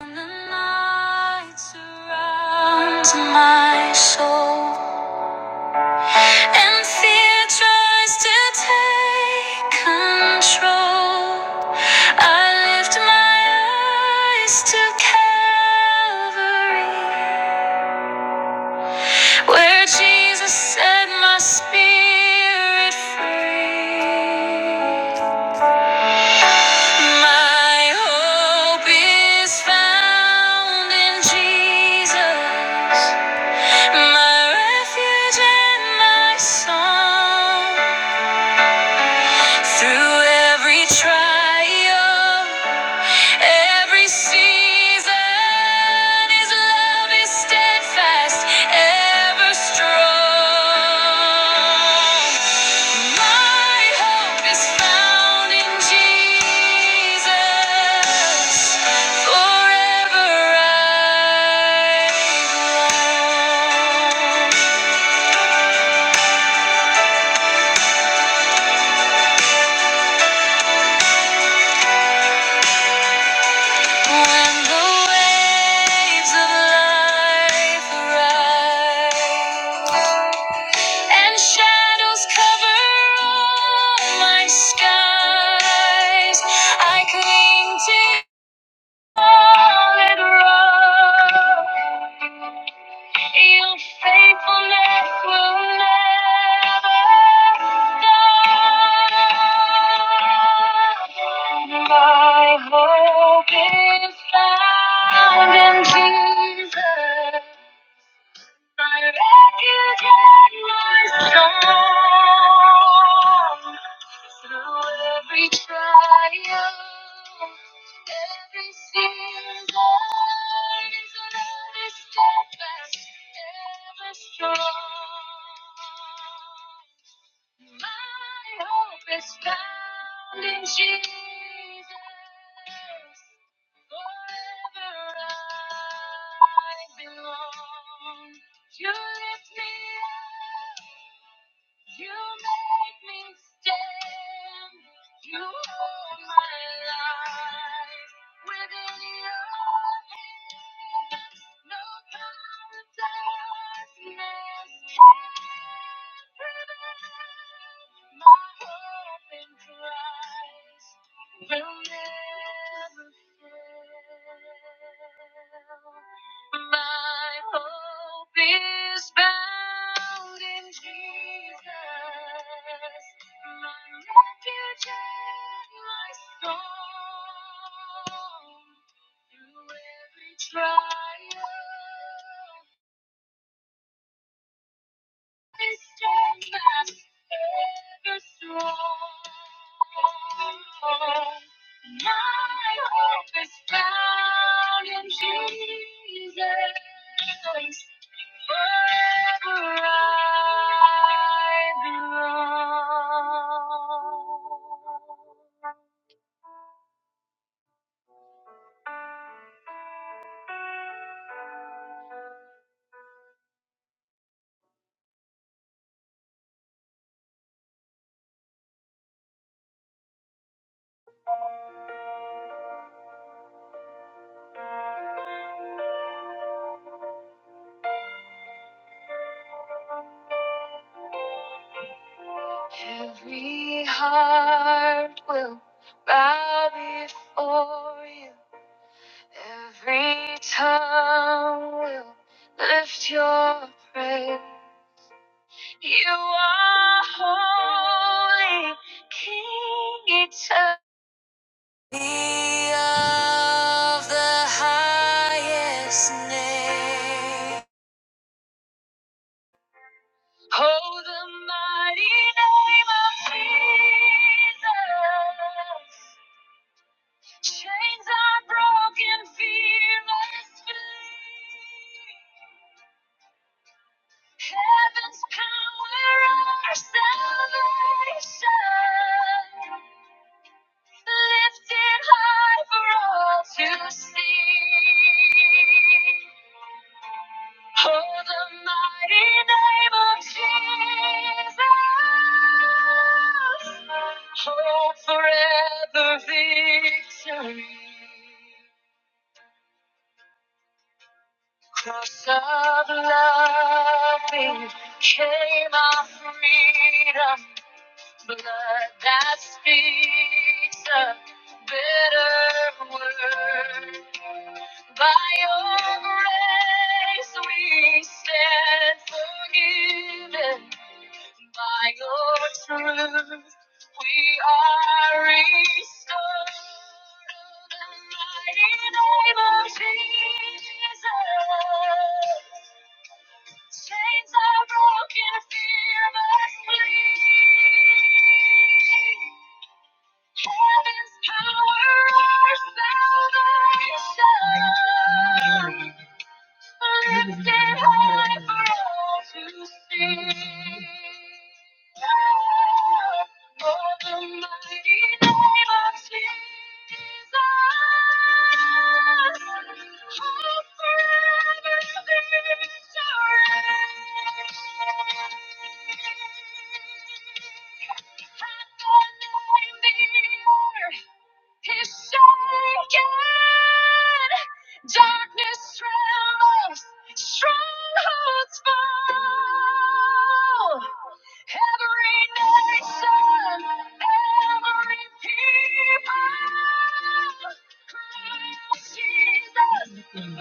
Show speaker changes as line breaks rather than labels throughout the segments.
When the night surrounds my soul and fear tries to take control, I lift my eyes to Calvary, where Jesus set my spirit free. My hope is found in Jesus. My refuge and my song. Through every trial, every season, His love is steadfast, ever strong. My hope is found in Jesus. Forever I belong. When the waves of life rise and shadows cover all my skies, I cling to solid rock. Your faithfulness will never stop. My hope is found in Jesus. But I can get my song through every trial, every season, every step, every strong. My hope is found in Jesus. Forever I belong. You lift me up. You make me stand. You hold my life within your hands. No power can prevent my hope in Christ will never fail hope is bound in Jesus, my refuge and my song. Through every trial, Every heart will bow before you. Every tongue will lift your praise. You are holy, King eternal. Be of the highest name. Oh, the mighty name of Jesus. Chains are broken, fearless flee. Heaven's power, our salvation, lifted high for all to see. Oh, the mighty name of Jesus, hope forever victory. Cross of love became our freedom blood that speaks a bitter word. By your grace we stand forgiven. By your truth we are restored. In the mighty name of Jesus. Chains are broken, fear must flee. Heaven's power, our salvation. Lifted high for all to see. For the mighty name of Jesus, hope forever in His reign. At the name of He's shaken. Darkness trembles. Strongholds fall. Every nation, every people. Crucify my sins, Lord Jesus. Break my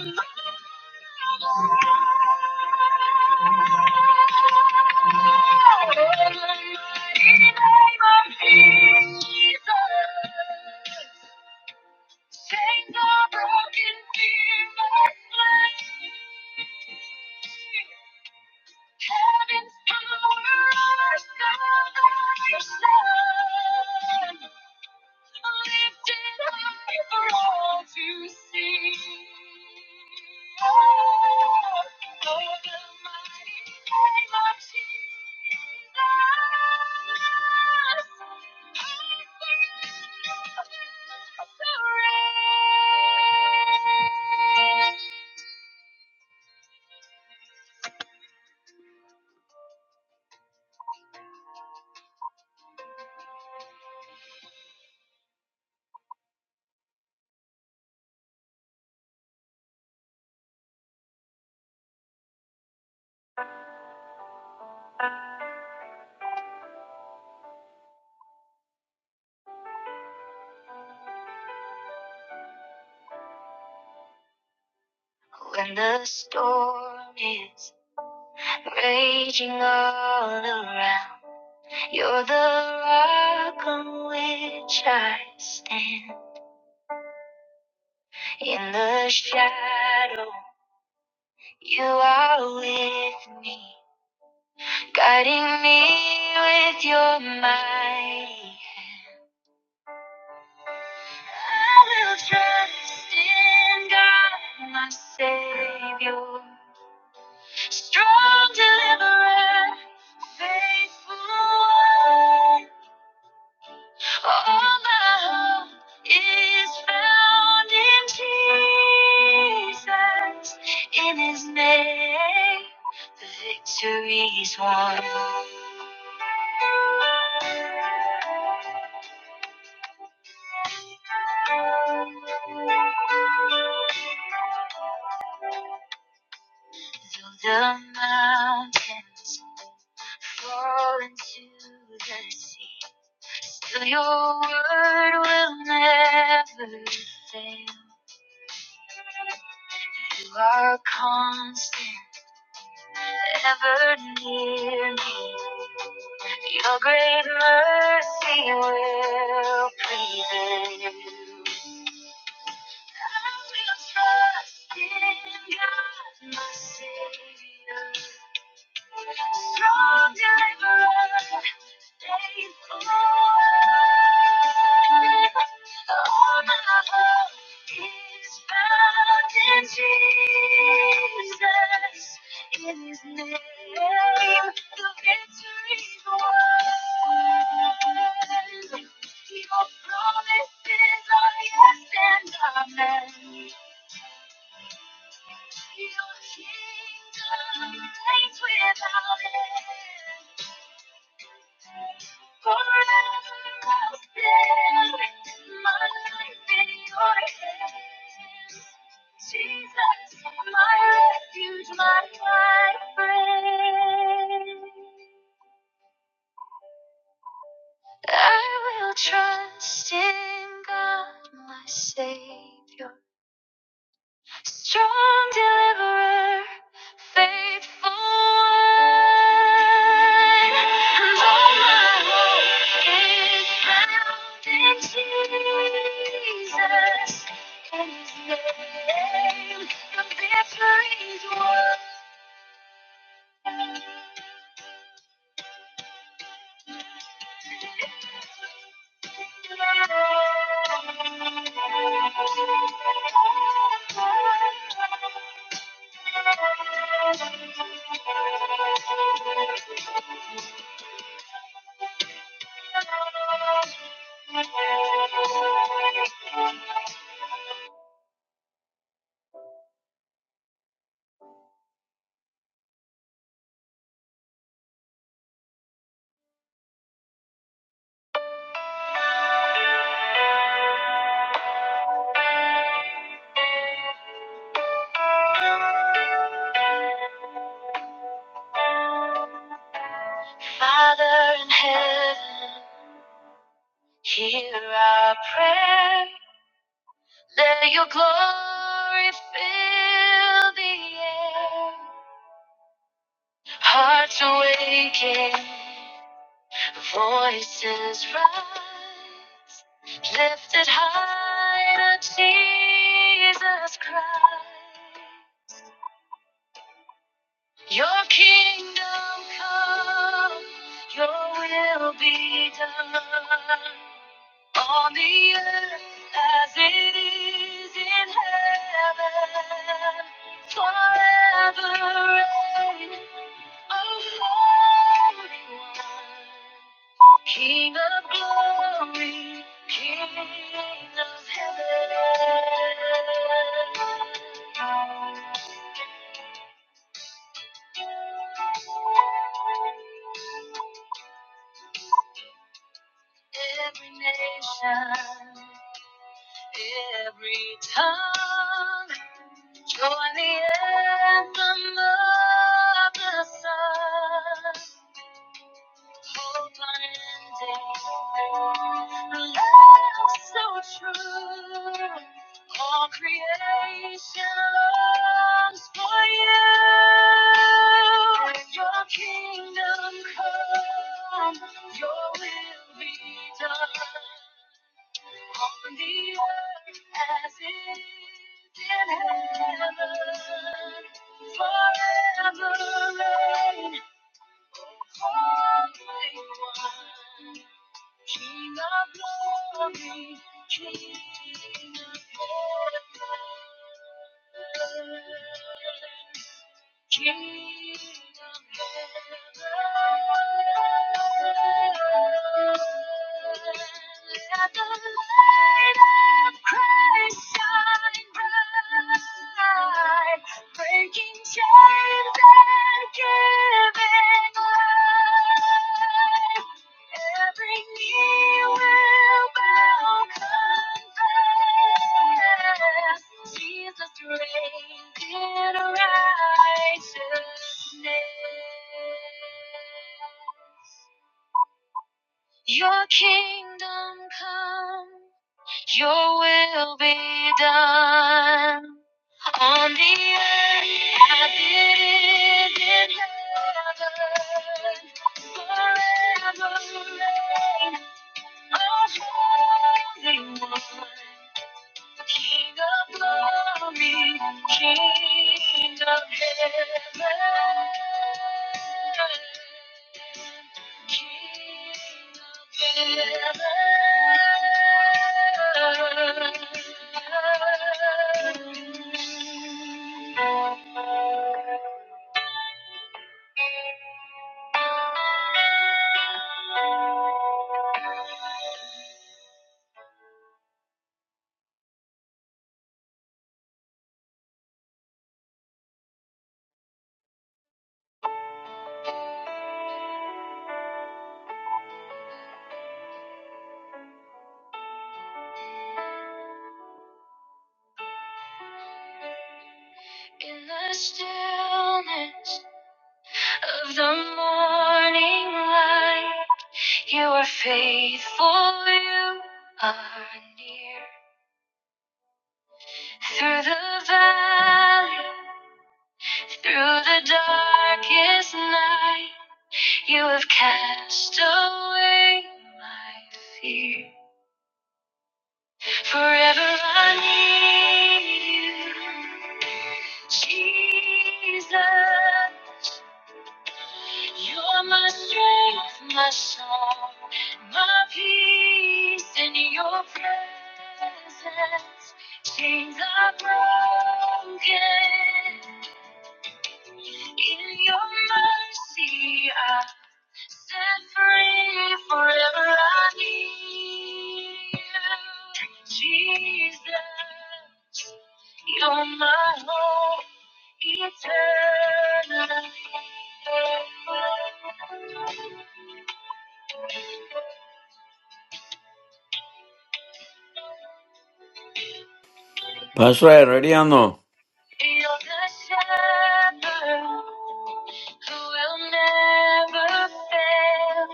name of Jesus. Set the broken demons free. Heaven's power, our salvation. Lifted high for all to see. Oh, oh, the mighty name of Jesus. I surrender. When the storm is raging all around, you're the rock on which I stand. In the shadow, you are with me, guiding me with your mighty hand. I will trust in God, my Savior, strong deliverer, faithful One. All my hope is found in Jesus. In His name, the victory is won. Though the mountains fall into the sea, for Your word will never fail. You are constant, ever near me. Your great mercy will prevail. I will trust in God, my Savior. Strong diver, faithful. All my hope is found in Jesus. In His name, the victory's won. Your promises are yes and amen. Your kingdom reigns without end. Forever I'll stand. with My life in your hands. Jesus, my refuge, my high friend. I will trust in God, my Savior. Strong deliverer, faithful one. And all my hope is found in Jesus, and His name, the victory's won. Father in heaven, hear our prayer. Let your glory fill the air. Hearts awaken, Voices rise, lifted high to Jesus Christ. Your kingdom come, your will be done on the earth as it is in heaven. Forever reign, O Holy One. King of glory, King of heaven. Every nation, every tongue, join the anthem of the sun. A hope unending, a love so true, all creation longs for you. Your kingdom come, your will be done, on the earth as it is in heaven. Forever and ever. King of glory, King of heaven, King of heaven. Let the light of Christ shine bright, breaking chains and giving. Jesus reigns in righteousness. Your kingdom come, your will be done on the earth as it is in heaven. Forever reign, our holy one. King of glory, King of heaven, King of heaven. In the stillness of the morning light. You are faithful, you are near. Through the valley, through the darkest night, you have cast away my fear. Forever I need you, Jesus. You're my strength, my song, my peace in your presence. Chains are broken. In your mercy, I. Set free forever I need you, Jesus. You're my hope eternally.
Pastor, ready ano?
You're the shepherd who will never fail,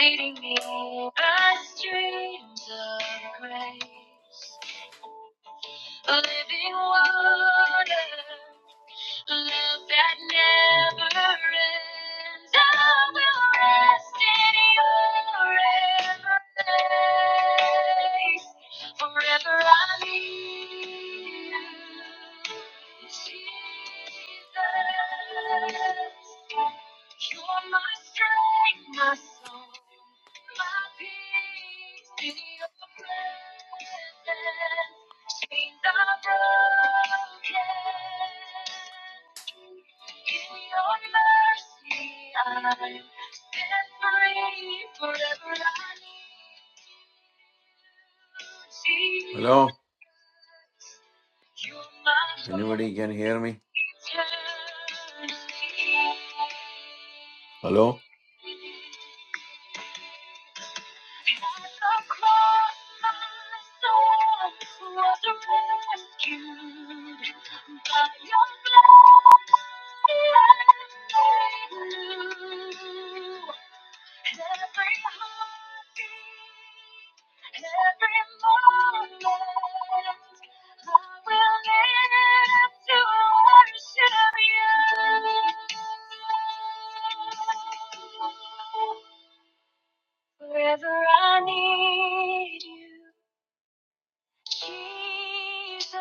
leading me by streams of grace. living water. Love that never ends. I will rest in your embrace. Forever I need you, Jesus. You're my strength, my song, my peace in your presence. My chains are broken. In Your mercy, I've found my need forever. I need You,
Hello?
Jesus. You're my hope
Anybody can hear me? Hello?
eternally. As a cross, my soul was rescued by Your blood. Every heartbeat, every moment, I will live to worship You. Wherever I need you, Jesus,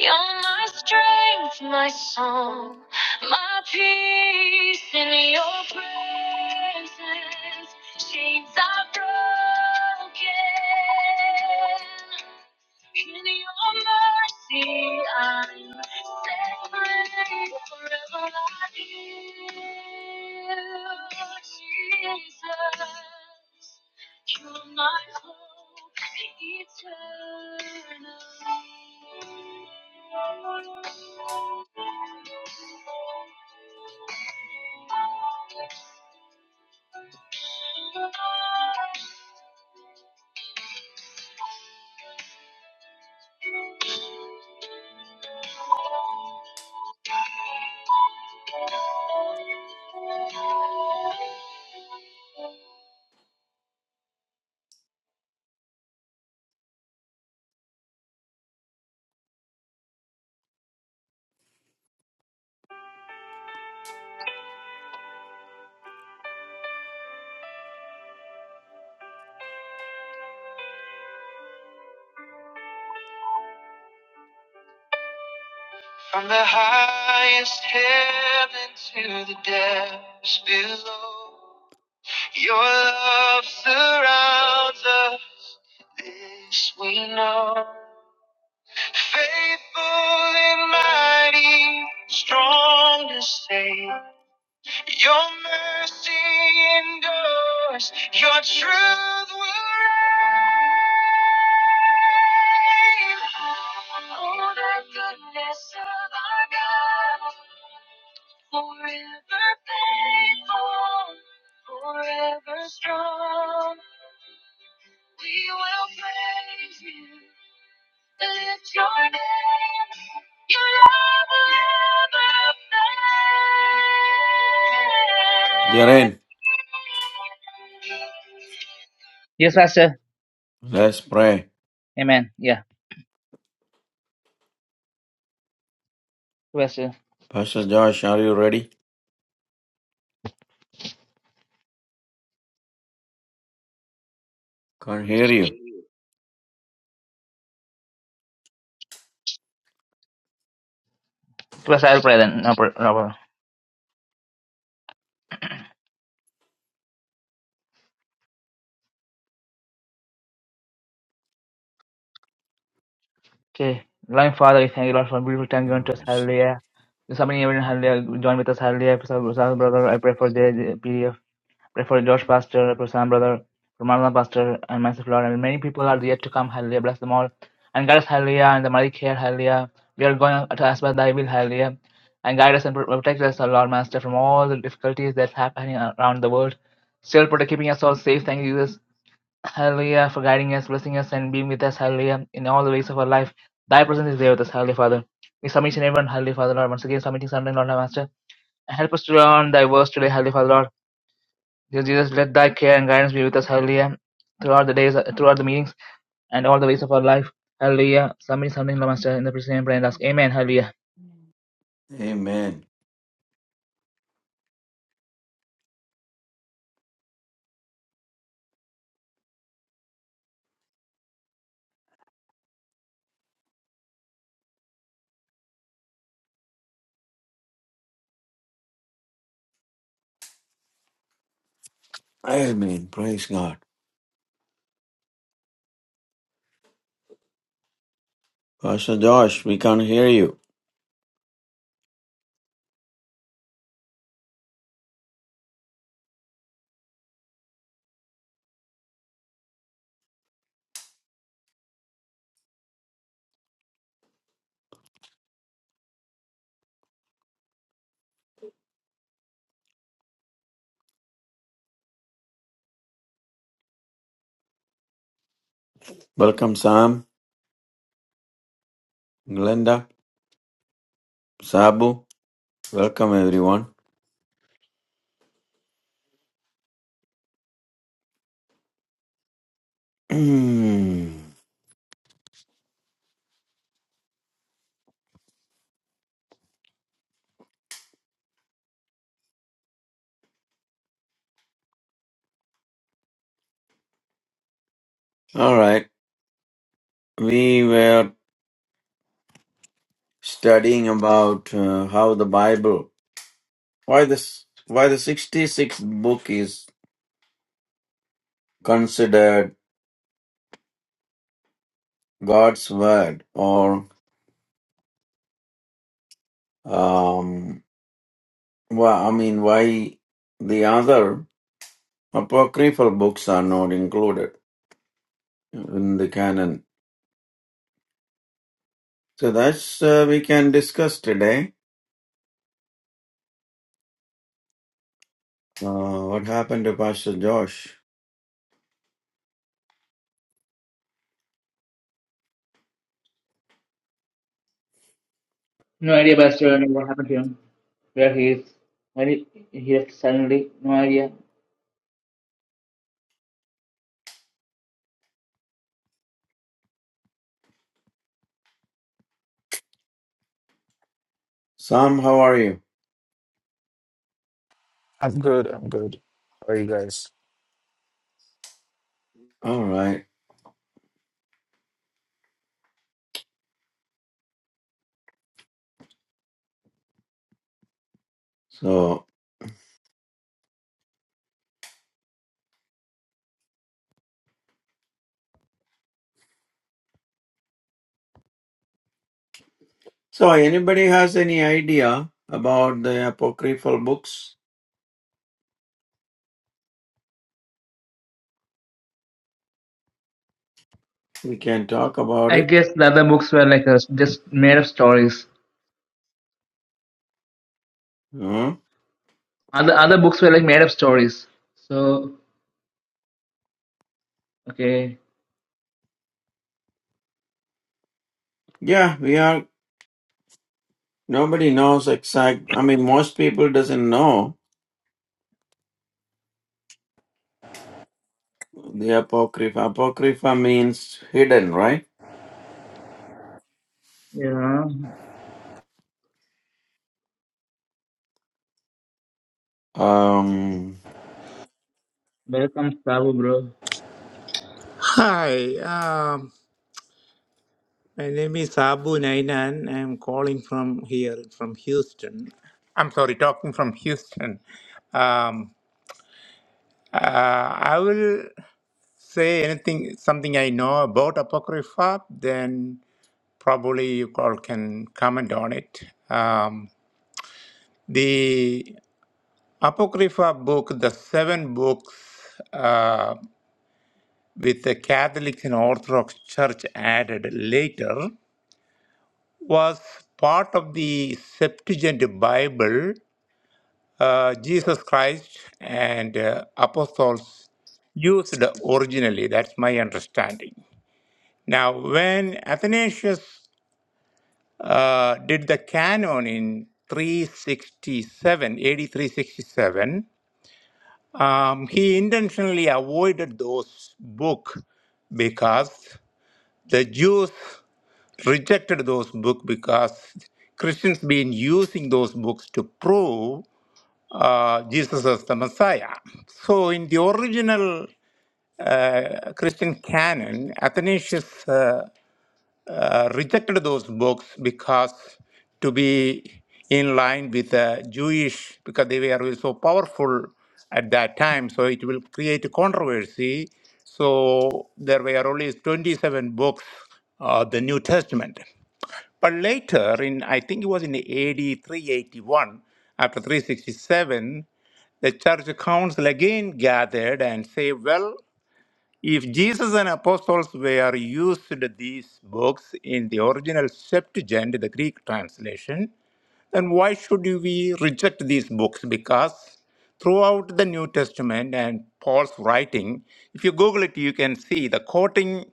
you're my strength, my song, my peace in your presence. Chains are broken. In your mercy, I'm set free forever. I live. Jesus. You're my hope eternally. From the highest heaven to the depths below, Your love surrounds us. This we know. Faithful and mighty, strong to save. Your mercy endures. Your truth will Oh, the goodness of our God, forever faithful, forever strong. We will praise you. Lift your name, your love will never
Jaren,
fail. Yes, Pastor.
let's pray.
Amen. Yeah, Yes, Pastor.
Pastor Josh, are you ready? Can't hear you.
It was I'll pray then. No, pr- no, problem. okay. Loving Father, we thank you, Lord, for a beautiful time given to
Oh,
us.
s-
Hallelujah. There's somebody here, in hallelujah. Join with us, hallelujah. For some- some brother, I pray for the the PDF. Pray for George Pastor, I pray for Sam brother, for Marlon Pastor, and myself, Lord. And many people are yet to come, hallelujah. Bless them all. And guide us, hallelujah, and the mighty care, hallelujah. We are going to ask by thy will, hallelujah. And guide us and pr- protect us, O Lord Master, from all the difficulties that's happening around the world. Still protect, keeping us all safe. Thank you, Jesus Hallelujah, for guiding us, blessing us, and being with us, hallelujah, in all the ways of our life. Thy presence is there with us, hallelujah, Father. We submit in everyone, hallelujah, Father, Lord. Once again, submitting Sunday, Lord, our Master. And help us to learn thy words today, hallelujah, Father, Lord. Dear Jesus, let thy care and guidance be with us, hallelujah, throughout the days, throughout the meetings, and all the ways of our life. Hallelujah. Submitting Sunday, Lord, Master, in the presence and prayer and ask, Amen, hallelujah.
Amen. Amen. Praise God. Pastor Josh, we can't hear you. Welcome, Sam, Glenda, Sabu. Welcome, everyone. All right. We were studying about uh, how the Bible, why this, why the 66th book is considered God's word, or um, well, I mean, why the other apocryphal books are not included in the canon? So that's uh, we can discuss today. Uh, what happened to Pastor Josh?
No idea, Pastor, what happened to him, where he is, when he, he left suddenly, no idea.
Sam, how are you?
I'm good. I'm good. How are you guys?
All right. So, so anybody has any idea about the apocryphal books? We can talk about
I
it.
guess the other books were like uh, just made of stories.
Huh?
Other other books were like made up stories. So okay,
Yeah, we are. Nobody knows exact. I mean, most people doesn't know The Apocrypha. Apocrypha means hidden, right?
yeah.
Um,
Welcome, Sabu, bro.
Hi, um, my name is Abu Nainan. I'm calling from here, from Houston. I'm sorry, talking from Houston. Um, uh, I will say anything, something I know about Apocrypha, then probably you all can comment on it. Um, the Apocrypha book, the seven books uh, with the Catholic and Orthodox Church added later, was part of the Septuagint Bible. Uh, Jesus Christ and uh, apostles used originally. That's my understanding. Now, when Athanasius uh, did the canon in 367, AD 367, um, he intentionally avoided those books because the Jews rejected those books because Christians been using those books to prove uh, Jesus as the Messiah. So in the original uh, Christian canon, Athanasius uh, uh, rejected those books because to be in line with the Jewish, because they were so powerful at that time, so it will create a controversy. So there were only 27 books of the New Testament. But later, in I think it was in AD 381, after 367, the church council again gathered and say, well, if Jesus and apostles were used these books in the original Septuagint, the Greek translation, then why should we reject these books? Because throughout the New Testament and Paul's writing, if you Google it, you can see the quoting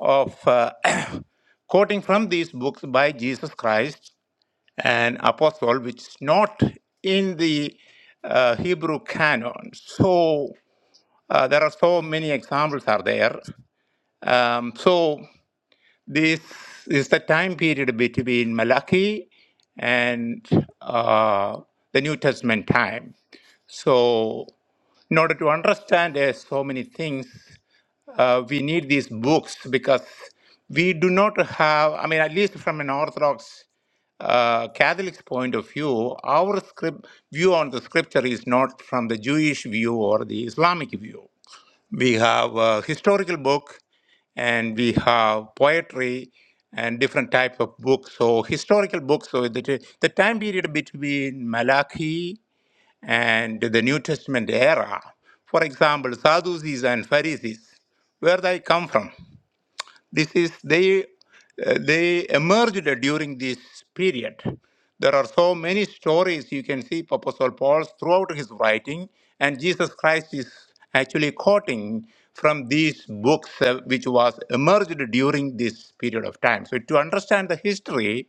of uh, quoting from these books by Jesus Christ an apostle, which is not in the uh, Hebrew canon. So uh, there are so many examples are there. Um, so this is the time period between Malachi and uh, the New Testament time. So in order to understand, there's so many things uh, we need these books because we do not have, I mean, at least from an Orthodox uh, Catholic's point of view, our script, view on the scripture is not from the Jewish view or the Islamic view. We have a historical book and we have poetry and different types of books. So, historical books, so the, the time period between Malachi and the New Testament era. For example, Sadducees and Pharisees, where they come from. This is they uh, they emerged during this period. There are so many stories you can see Apostle Paul throughout his writing, and Jesus Christ is actually quoting from these books uh, which was emerged during this period of time. So to understand the history,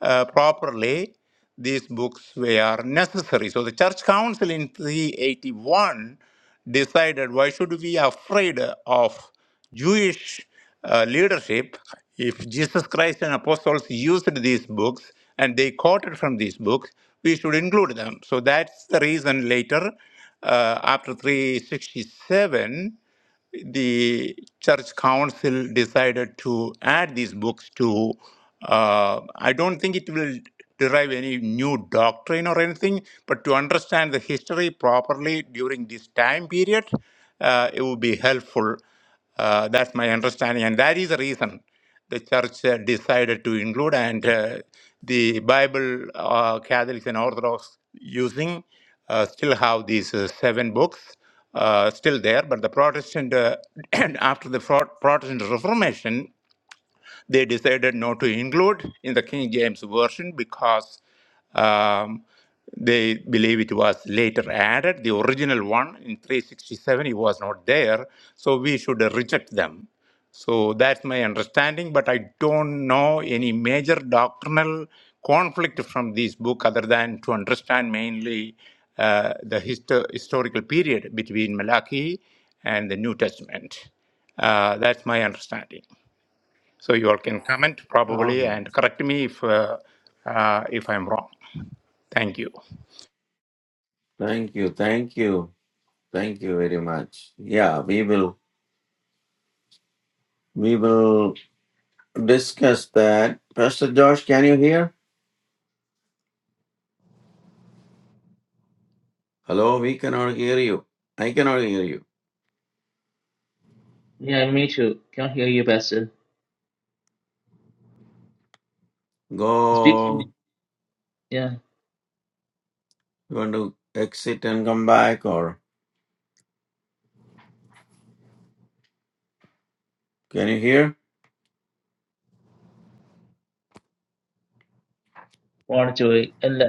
uh, properly, these books were necessary. So the Church Council in 381 decided why should we be afraid of Jewish uh, leadership if Jesus Christ and apostles used these books and they quoted from these books, we should include them. So that's the reason later, uh, after 367, the church council decided to add these books to uh, i don't think it will derive any new doctrine or anything but to understand the history properly during this time period uh, it would be helpful uh, that's my understanding, and that is the reason the church uh, decided to include and uh, the Bible, uh, Catholics and Orthodox using uh, still have these uh, seven books uh, still there, but the Protestant uh, and after the Pro- Protestant Reformation they decided not to include in the King James Version because um, they believe it was later added. The original one in 367, it was not there, so we should uh, reject them. So that's my understanding, but I don't know any major doctrinal conflict from this book other than to understand mainly uh, the histo- historical period between Malachi and the New Testament. Uh, that's my understanding. So you all can comment probably
um,
and correct me if uh, uh, if I'm wrong. Thank you.
thank you, thank you, thank you very much. Yeah, we will, we will discuss that. Pastor Josh, can you hear? Hello, we cannot hear you. I cannot hear you.
Yeah, me too. Can't hear you, Pastor. Speak to me.
Go,
Yeah,
you want to exit and come back, or can you hear?
what joy. And uh,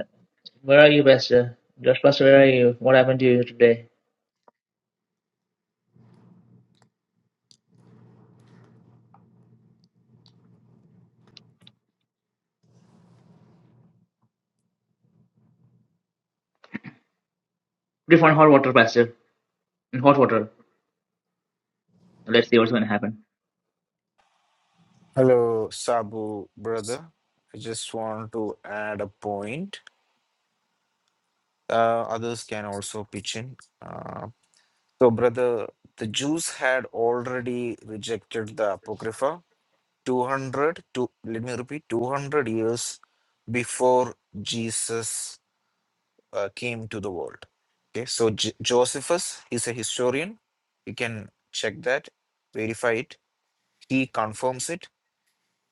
where are you, Pastor? Josh, Pastor, where are you? What happened to you today? Put it on hot water, Pastor. In hot water. Let's see what's going to happen.
Hello, Sabu brother. I just want to add a point. Uh, others can also pitch in. Uh, so, brother, the Jews had already rejected the Apocrypha 200 to let me repeat 200 years before Jesus uh, came to the world. Okay, so J- Josephus is a historian. You can check that, verify it. He confirms it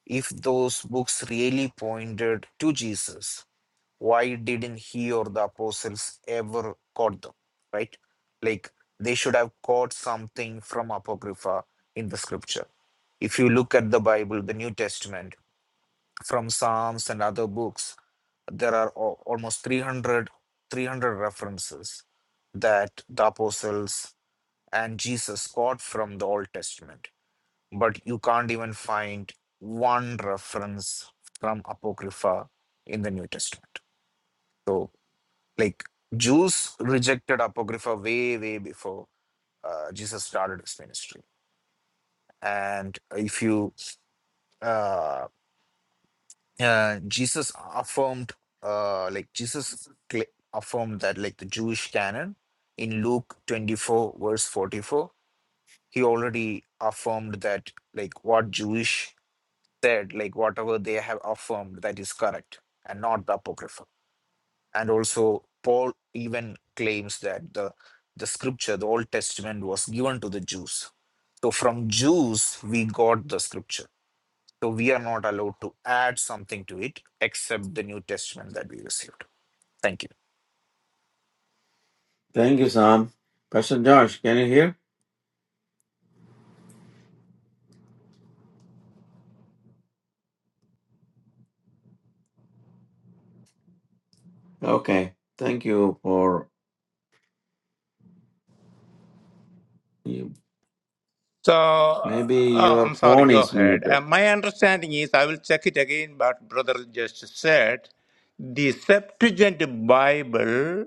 if those books really pointed to Jesus, why didn't he or the apostles ever quote them? Right? Like they should have quote something from Apocrypha in the scripture. If you look at the Bible, the New Testament, from Psalms and other books, there are al- almost 300, 300 references that the apostles and Jesus quote from the Old Testament but you can't even find one reference from Apocrypha in the New Testament. So, like, Jews rejected Apocrypha way, way before uh, Jesus started his ministry. And if you, uh, uh, Jesus affirmed, uh, like, Jesus cl- affirmed that, like, the Jewish canon in Luke 24, verse 44, he already affirmed that, like, what Jewish said like whatever they have affirmed that is correct and not the apocrypha and also paul even claims that the the scripture the old testament was given to the jews so from jews we got the scripture so we are not allowed to add something to it except the new testament that we received thank you
Thank you, Sam. Pastor Josh, can you hear? Okay, thank you for you.
So
Maybe
uh,
your
I'm sorry.
phone
Go
is
ahead.
muted.
Uh, my understanding is I will check it again. But brother just said the Septuagint Bible.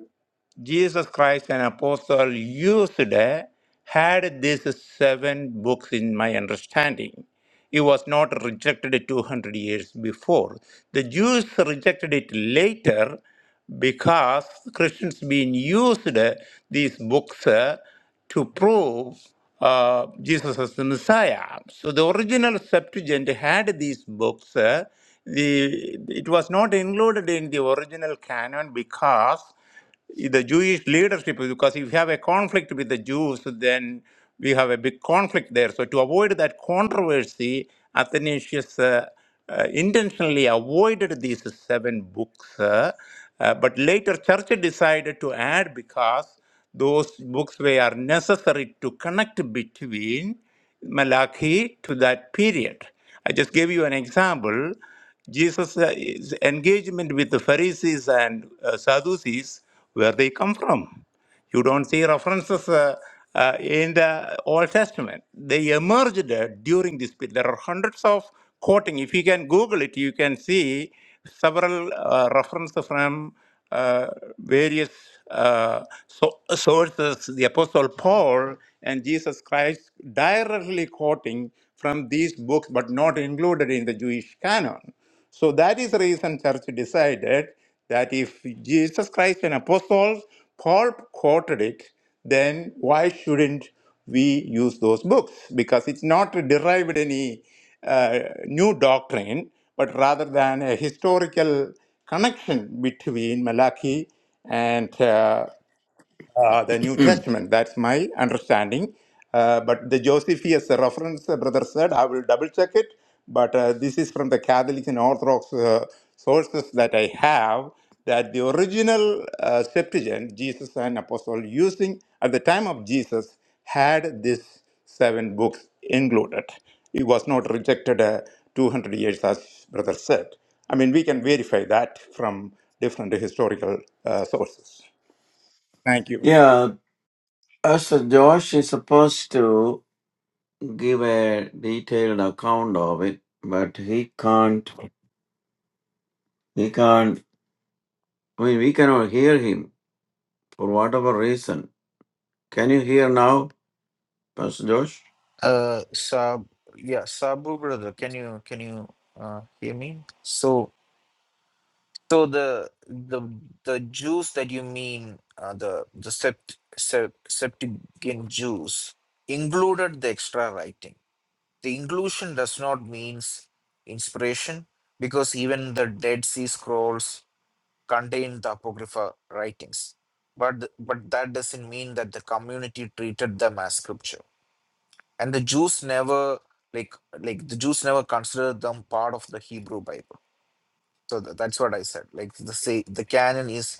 Jesus Christ, an apostle, used uh, had these seven books in my understanding. It was not rejected 200 years before. The Jews rejected it later because Christians being used uh, these books uh, to prove uh, Jesus as the Messiah. So the original Septuagint had these books. uh, the, it was not included in the original canon because the Jewish leadership, because if you have a conflict with the Jews, then we have a big conflict there. So to avoid that controversy, Athanasius uh, uh, intentionally avoided these seven books. uh, uh, but later, church decided to add because those books were necessary to connect between Malachi to that period. I just gave you an example. Jesus' uh, is engagement with the Pharisees and uh, Sadducees, where they come from. You don't see references uh, uh, in the Old Testament. They emerged uh, during this period. There are hundreds of quoting. If you can Google it, you can see several uh, references from uh, various uh, so- sources, the Apostle Paul and Jesus Christ directly quoting from these books, but not included in the Jewish canon. So that is the reason church decided that if Jesus Christ and apostles, Paul quoted it, then why shouldn't we use those books? Because it's not derived any uh, new doctrine, but rather than a historical connection between Malachi and uh, uh, the New Testament. That's my understanding. Uh, but the Josephus reference, uh, brother said, I will double check it. But uh, this is from the Catholic and Orthodox uh, sources that I have that the original uh, Septuagint, Jesus and Apostle using at the time of Jesus, had this seven books included. It was not rejected uh, 200 years, as brother said. I mean, we can verify that from different historical uh, sources. Thank you.
Yeah, as a Josh is supposed to give a detailed account of it, but he can't. He can't. I mean, we cannot hear him for whatever reason. Can you hear now, Pastor Josh?
uh sab yeah sabu brother can you can you uh, hear me so So the the the juice that you mean, uh, the the sept, sep, Septuagint juice included the extra writing. The inclusion does not means inspiration because even the Dead Sea Scrolls contain the apocrypha writings. But th- but that doesn't mean that the community treated them as scripture. And the Jews never like like the Jews never considered them part of the Hebrew Bible so th- that's what I said. Like the say the canon is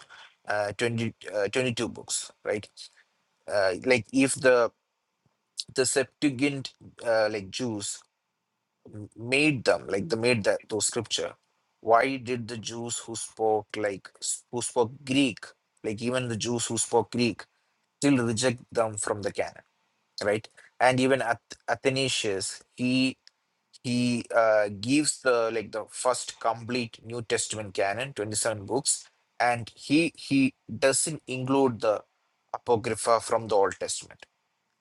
uh, 20, uh, 22 books, right? Uh, like if the the Septuagint uh, like Jews m- made them, like they made that those scripture. Why did the Jews who spoke like s- who spoke Greek, like even the Jews who spoke Greek, still reject them from the canon, right? And even Ath- Athanasius, he he uh, gives the like the first complete new testament canon 27 books and he he doesn't include the apocrypha from the old testament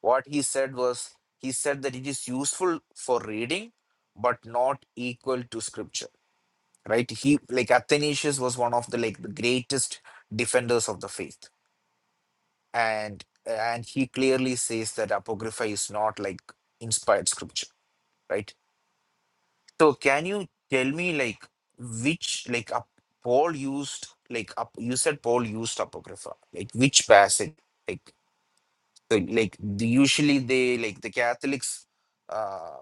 what he said was he said that it is useful for reading but not equal to scripture right he like athanasius was one of the like the greatest defenders of the faith and and he clearly says that apocrypha is not like inspired scripture right So can you tell me like which like up Paul used like up you said Paul used apocrypha like which passage like so, like the, usually they like the Catholics uh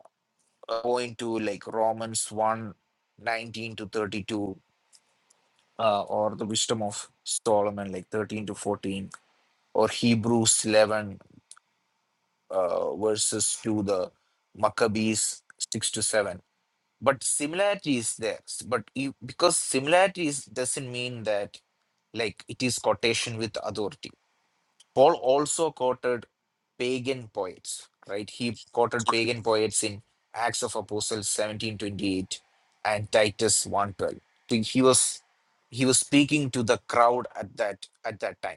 uh, point to like Romans one 19 to 32 uh, or the wisdom of Solomon like 13 to 14 or Hebrews 11 uh, verses to the Maccabees 6 to 7 but similarity is there S- but you, because similarity is, doesn't mean that like it is quotation with authority paul also quoted pagan poets right he quoted pagan poets in acts of apostles 1728 and titus 112 he was he was speaking to the crowd at that at that time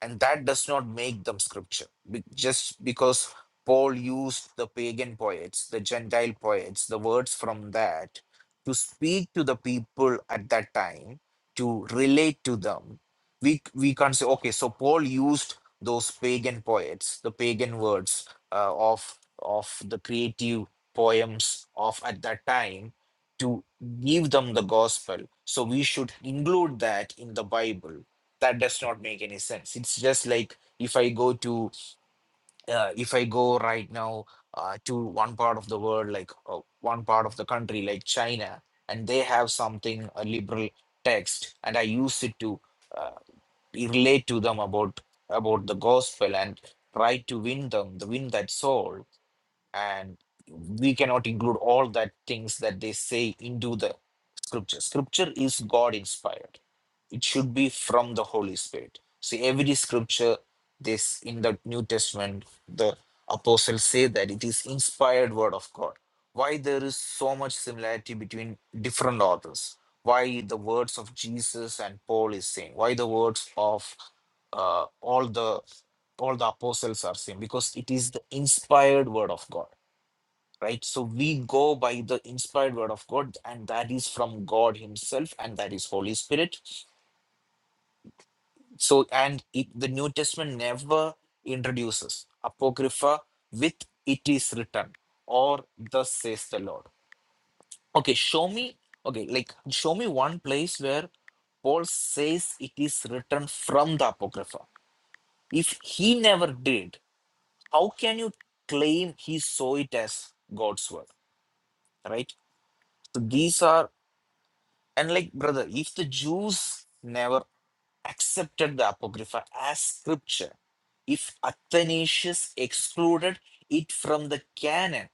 and that does not make them scripture Be- just because paul used the pagan poets the gentile poets the words from that to speak to the people at that time to relate to them we we can't say okay so paul used those pagan poets the pagan words uh, of of the creative poems of at that time to give them the gospel so we should include that in the bible that does not make any sense it's just like if i go to uh, if i go right now uh, to one part of the world like uh, one part of the country like china and they have something a liberal text and i use it to uh, relate to them about about the gospel and try to win them the win that soul and we cannot include all that things that they say into the scripture. Scripture is God inspired. It should be from the Holy Spirit. See, every scripture this in the New Testament, the apostles say that it is inspired word of God. Why there is so much similarity between different authors? Why the words of Jesus and Paul is same? Why the words of uh, all the all the apostles are same? Because it is the inspired word of God right? So we go by the inspired word of God, and that is from God Himself, and that is Holy Spirit. So, and it, the New Testament never introduces Apocrypha with it is written or thus says the Lord. Okay, show me, okay, like show me one place where Paul says it is written from the Apocrypha. If he never did, how can you claim he saw it as God's word, right? So these are And like, brother, if the Jews never accepted the Apocrypha as scripture, if Athanasius excluded it from the canon,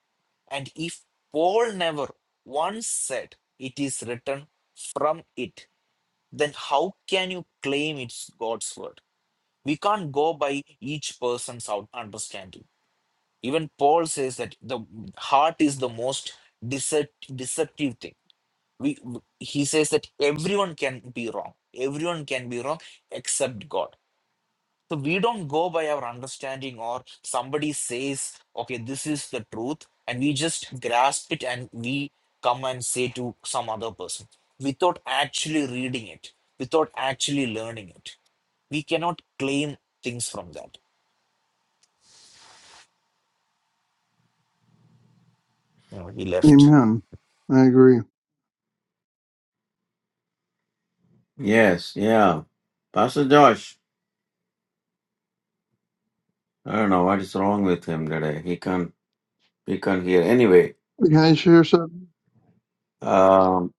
and if Paul never once said it is written from it, then how can you claim it's God's word? We can't go by each person's out- understanding. Even Paul says that the heart is the most decep- deceptive thing we he says that everyone can be wrong everyone can be wrong except god so we don't go by our understanding or somebody says okay this is the truth and we just grasp it and we come and say to some other person without actually reading it without actually learning it we cannot claim things from that no he left
Amen. I agree.
Yes. Yeah, Pastor Josh. I don't know what is wrong with him today. He can't. He can't hear. Anyway,
Can I share something?
um,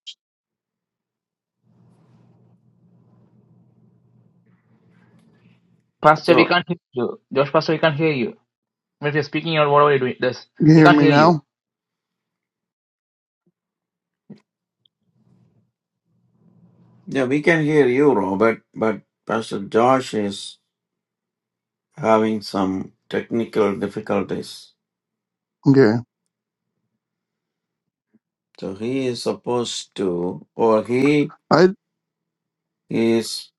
Pastor, we
so
can't hear you. Josh, Pastor, we can't hear you. If you're speaking or whatever you're doing, this
Can you
we
hear
can't
me
hear you.
now?
yeah, we can hear you, Robert, but Pastor Josh is having some technical difficulties.
Okay.
So he is supposed to, or he
I
is.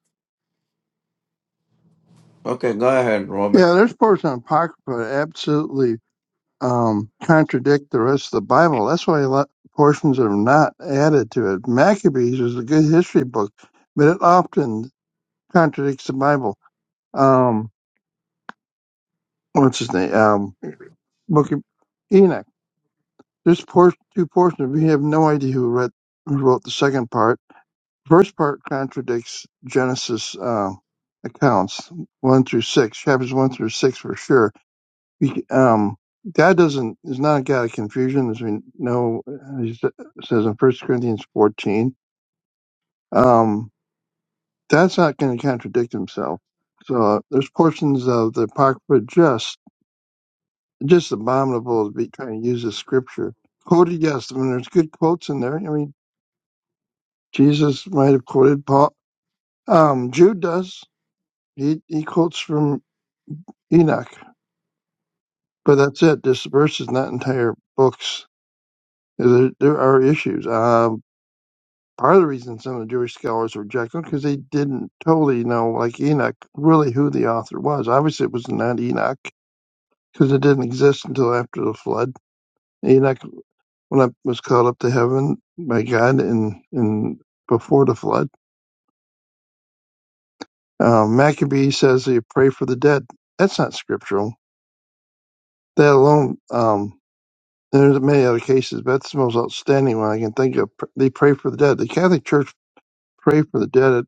Okay, go ahead, Robert.
yeah, there's parts in Apocrypha that absolutely um, contradict the rest of the Bible. That's why a lot portions are not added to it. Maccabees is a good history book, but it often contradicts the Bible. Um, what's his name? Um, book of Enoch. There's por- two portions. We have no idea who read who wrote the second part first part contradicts Genesis um, accounts one through six, chapters one through six for sure. He, um, God doesn't is not a God of confusion, as we know. uh, He s- says in First Corinthians fourteen, um, that's not going to contradict himself. So uh, there's portions of the Apocrypha just just abominable to be trying to use as scripture. Quoted, yes, I mean there's good quotes in there. I mean Jesus might have quoted Paul. Um, Jude does. He he quotes from Enoch. But that's it. This verse is not entire books. There, there are issues. Um, part of the reason some of the Jewish scholars reject them because they didn't totally know, like Enoch, really who the author was. Obviously, it was not Enoch because it didn't exist until after the flood. Enoch when I was called up to heaven by God in, in before the flood. Um, Maccabee says they pray for the dead. That's not scriptural. That alone. Um, There's many other cases, but that's the most outstanding one I can think of. Pr- They pray for the dead. The Catholic Church pray for the dead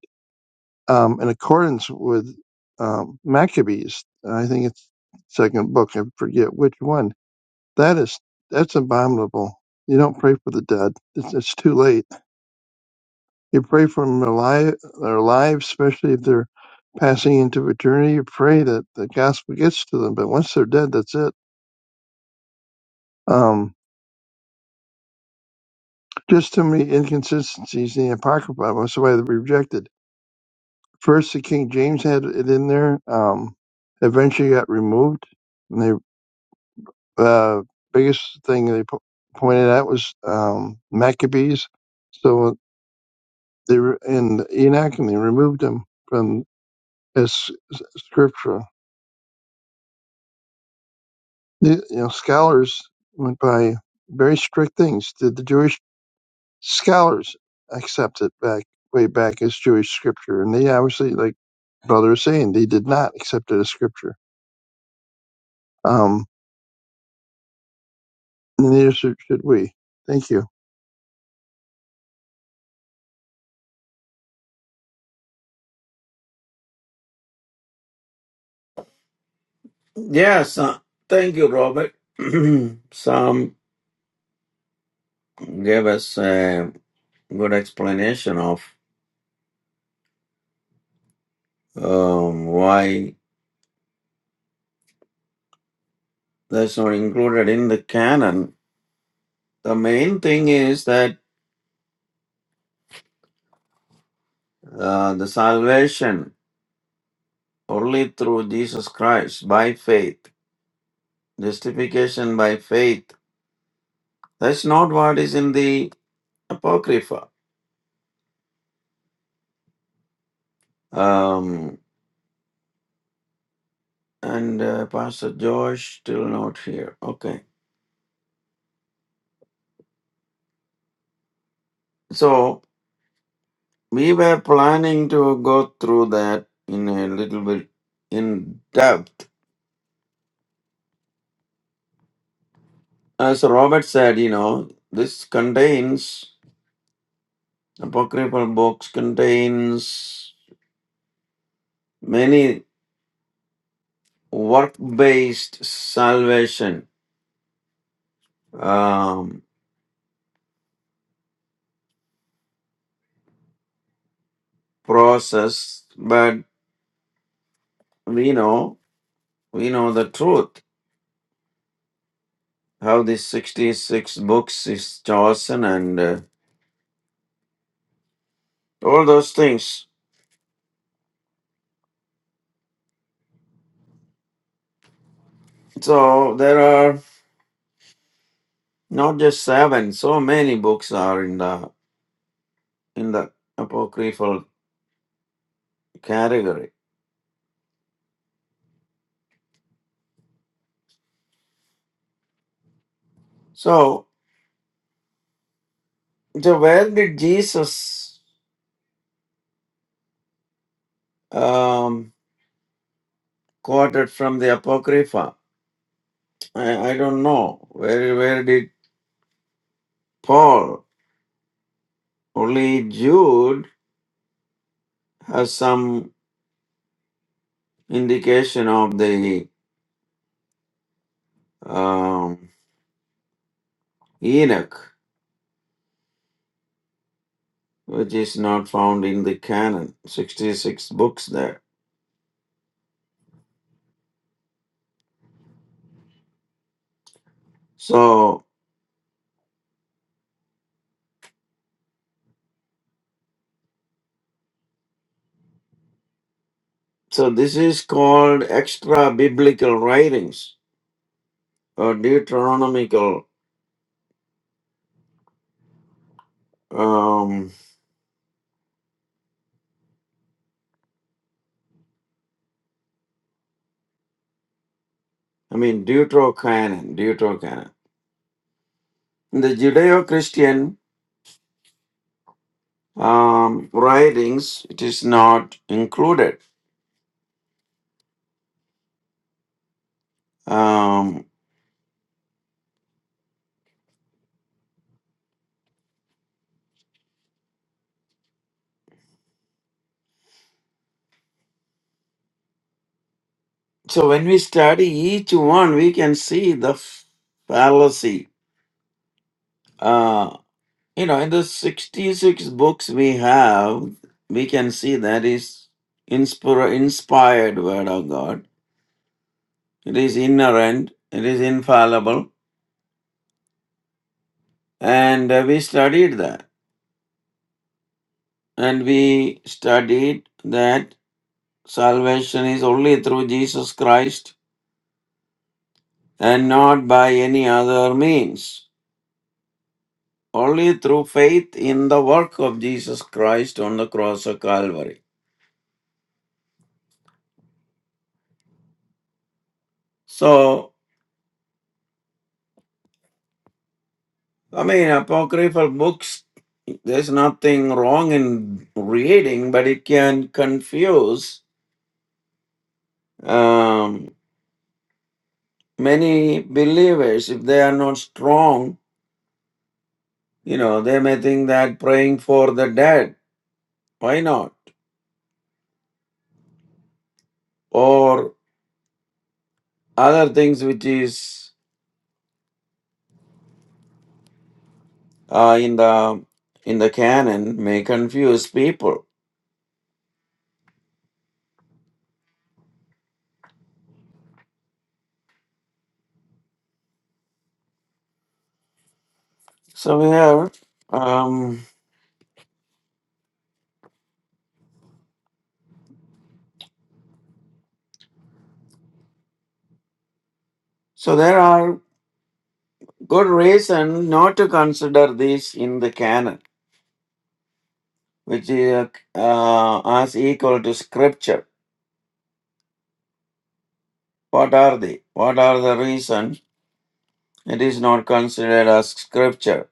um, in accordance with um, Maccabees. I think it's second book. I forget which one. That is that's abominable. You don't pray for the dead. It's, it's too late. You pray for them alive, they're especially if they're passing into eternity. You pray that the gospel gets to them, but once they're dead, that's it. Um, just too many inconsistencies in the Apocrypha. That's why they're rejected First, the King James had it in there. Um, eventually got removed. And the uh, biggest thing they po- pointed out was um, Maccabees. So they were in Enoch, and they removed them from as s- scripture. The, you know, scholars went by very strict things. Did the Jewish scholars accept it back way back as Jewish scripture? And they obviously, like brother was saying, they did not accept it as scripture. Um, Neither should, should we. Thank you.
Yes, uh, thank you, Robert. Sam gave us a good explanation of um, why that's not included in the canon. The main thing is that uh, the salvation only through Jesus Christ by faith, justification by faith. That's not what is in the Apocrypha. Um, and uh, Pastor Josh still not here. Okay. So we were planning to go through that in a little bit in depth. As Robert said, you know, this contains apocryphal books contains many work-based salvation um, process, but we know we know the truth how these 66 books is chosen and uh, all those things So there are not just seven, so many books are in the in the apocryphal category. So, so where did Jesus um, quoted from the apocrypha? I, I don't know. Where where did Paul? Only Jude has some indication of the um, Enoch, which is not found in the canon. Sixty-six books there. So So this is called extra biblical writings or Deuteronomical. Um, I mean Deuterocanon. Deuterocanon. In the Judeo-Christian um, writings, it is not included. Um, so when we study each one, we can see the fallacy. Uh, you know, in the sixty-six books we have, we can see that is inspira- inspired word of God It is inherent. it is infallible, and uh, we studied that. And we studied that salvation is only through Jesus Christ and not by any other means. Only through faith in the work of Jesus Christ on the cross of Calvary. So, I mean, apocryphal books, there's nothing wrong in reading, but it can confuse. um, many believers, if they are not strong, you know, they may think that praying for the dead, why not? Or other things which is uh, in the in the canon may confuse people. So we have um, so there are good reason not to consider this in the canon, which is uh, as equal to scripture. What are they? What are the reason it is not considered as scripture?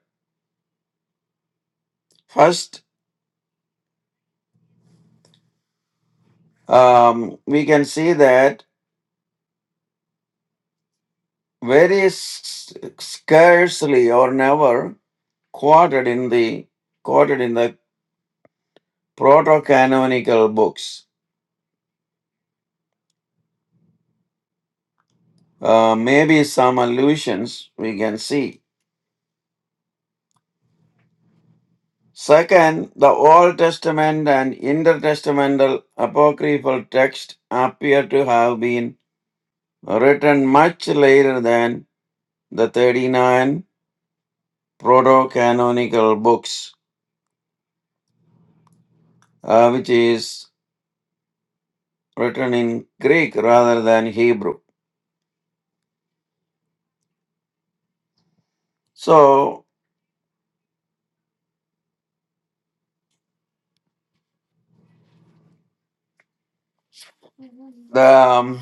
First um, we can see that very s- scarcely or never quoted in the quoted in the proto-canonical books. Uh, maybe some allusions we can see. Second, the Old Testament and intertestamental apocryphal texts appear to have been written much later than the 39 proto-canonical books, uh, which is written in Greek rather than Hebrew. So the um,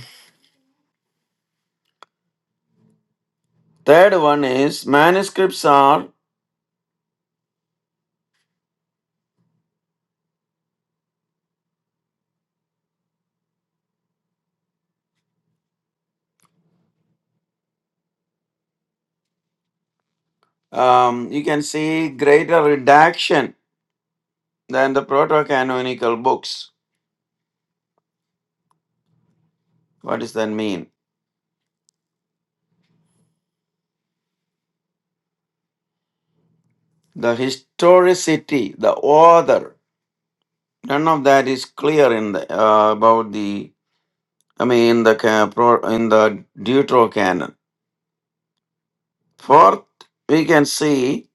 third one is manuscripts are, um, you can see greater redaction than the proto-canonical books. What does that mean? The historicity, the author, none of that is clear in the uh, about the. I mean, in the ca- pro- in the Deuterocanon. Fourth, we can see.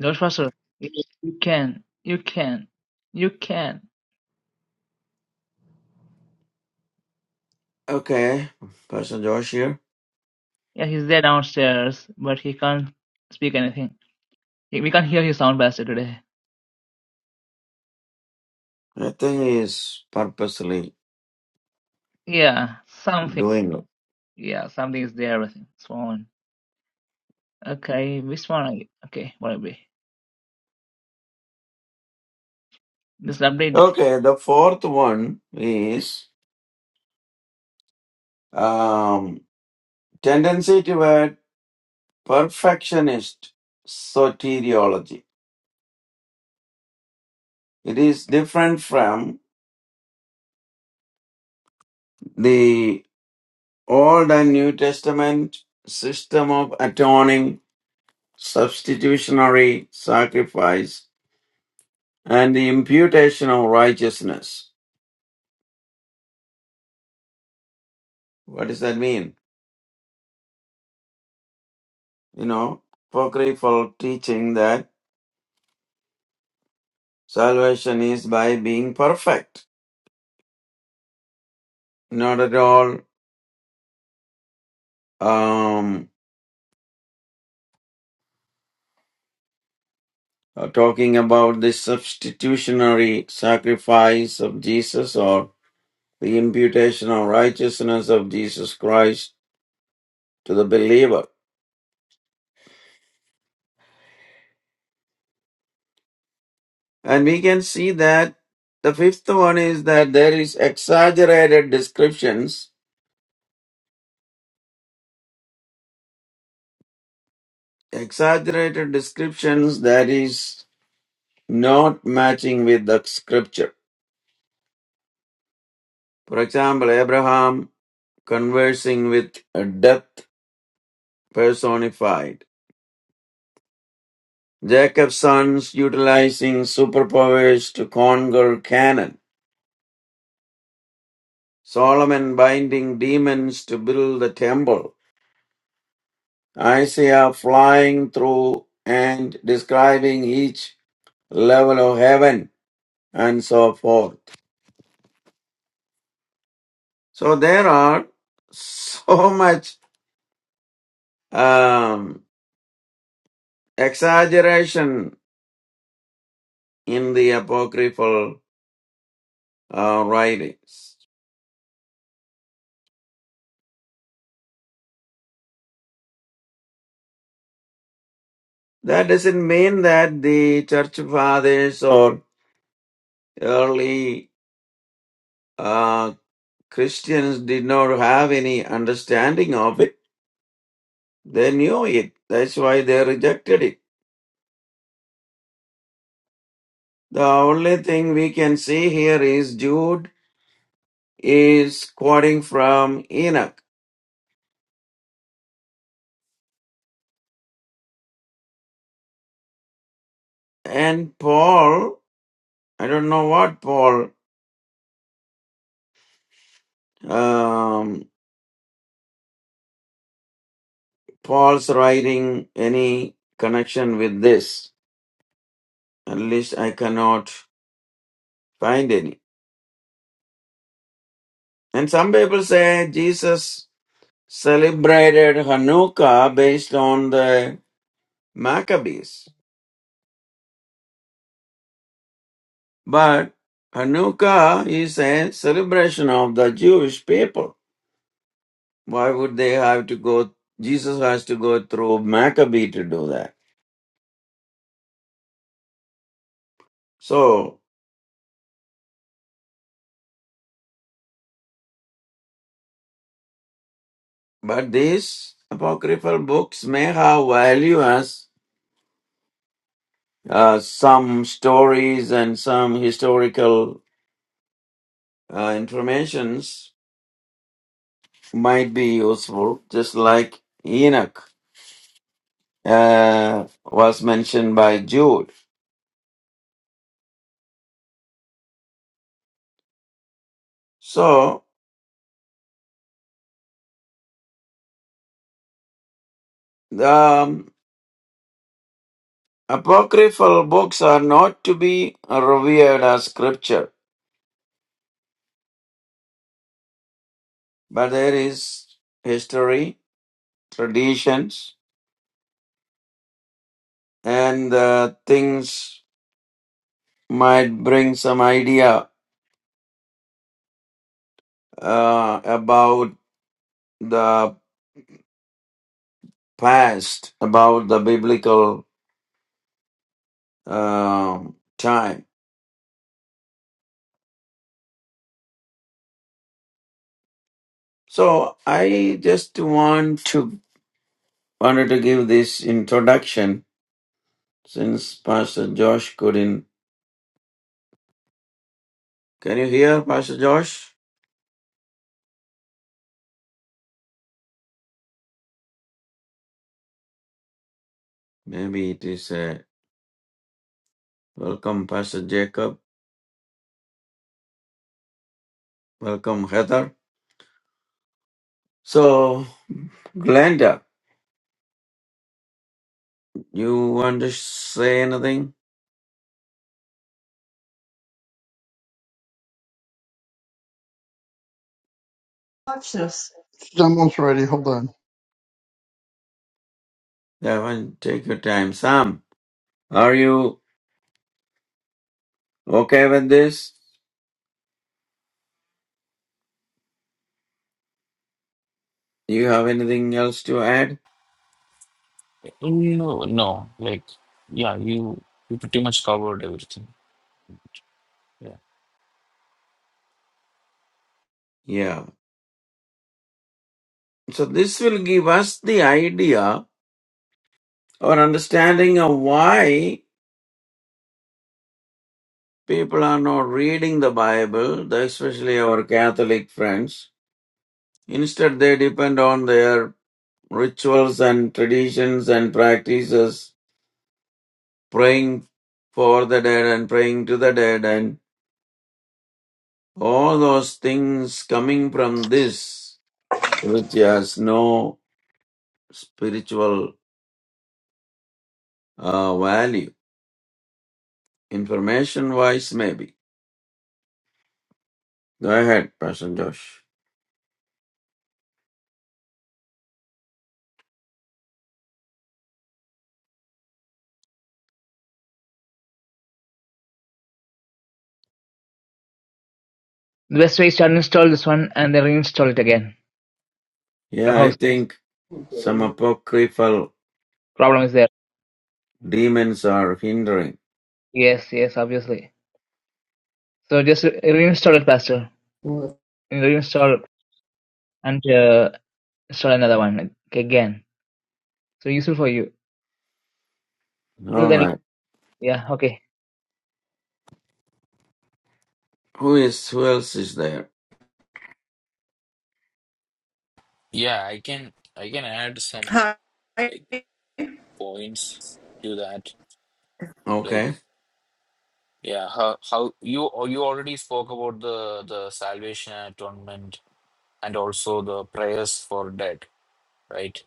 Josh, Pastor, you you can, you can, you can.
Okay, Pastor Josh here.
Yeah, he's there downstairs, but he can't speak anything. He- We can't hear his sound blaster today.
I think he is purposely
Yeah, something.
doing.
Yeah, something is there with him. Swan. Okay, which one are you? Okay, what will be? This update.
Okay, the fourth one is um, tendency toward perfectionist soteriology. It is different from the Old and New Testament system of atoning, substitutionary sacrifice, and the imputation of righteousness. What does that mean? You know, apocryphal teaching that salvation is by being perfect. Not at all um, uh, talking about the substitutionary sacrifice of Jesus or the imputation of righteousness of Jesus Christ to the believer. And we can see that the fifth one is that there is exaggerated descriptions, exaggerated descriptions that is not matching with the scripture. For example, Abraham conversing with a death personified Jacob's sons utilizing superpowers to conquer Canaan, Solomon binding demons to build the temple, Isaiah flying through and describing each level of heaven, and so forth. So there are so much um, exaggeration in the apocryphal uh, writings. That doesn't mean that the church fathers or early uh, Christians did not have any understanding of it. They knew it. That's why they rejected it. The only thing we can see here is Jude is quoting from Enoch. And Paul, I don't know what Paul, um, Paul's writing any connection with this. At least I cannot find any. And some people say Jesus celebrated Hanukkah based on the Maccabees. But Hanukkah is a celebration of the Jewish people. Why would they have to go? Jesus has to go through Maccabee to do that. So, but these apocryphal books may have value as uh, some stories and some historical uh, informations might be useful, just like Enoch uh, was mentioned by Jude. So, the um, Apocryphal books are not to be revered as scripture, but there is history, traditions, and uh, things might bring some idea uh, about the past, about the biblical um time. So I just want to wanted to give this introduction since Pastor Josh couldn't. Can you hear Pastor Josh? Maybe it is a Welcome, Pastor Jacob. Welcome, Heather. So, Glenda, you want to say anything?
It's almost ready. Hold on.
I want to take your time. Sam, are you okay with this? You have anything else to add?
No, no, like yeah, you you pretty much covered everything. Yeah.
Yeah. So, this will give us the idea or understanding of why people are not reading the Bible, the- especially our Catholic friends. Instead, they depend on their rituals and traditions and practices praying for the dead and praying to the dead and all those things coming from this, which has no spiritual uh, value, information wise, maybe. Go ahead, Pastor Josh.
The best way is to uninstall this one and then reinstall it again.
Yeah, I
Clubhouse
think some
Hi.
apocryphal
problem is there.
demons are hindering.
Yes, yes, obviously. So just re- reinstall it faster. Reinstall and uh, install another one again. So useful for you. Other
All
than
right.
yeah, okay.
Who is, who else is there?
yeah i can i can add some like points to that like
Okay.
yeah how how you oh, you already spoke about the the salvation and atonement and also the prayers for dead right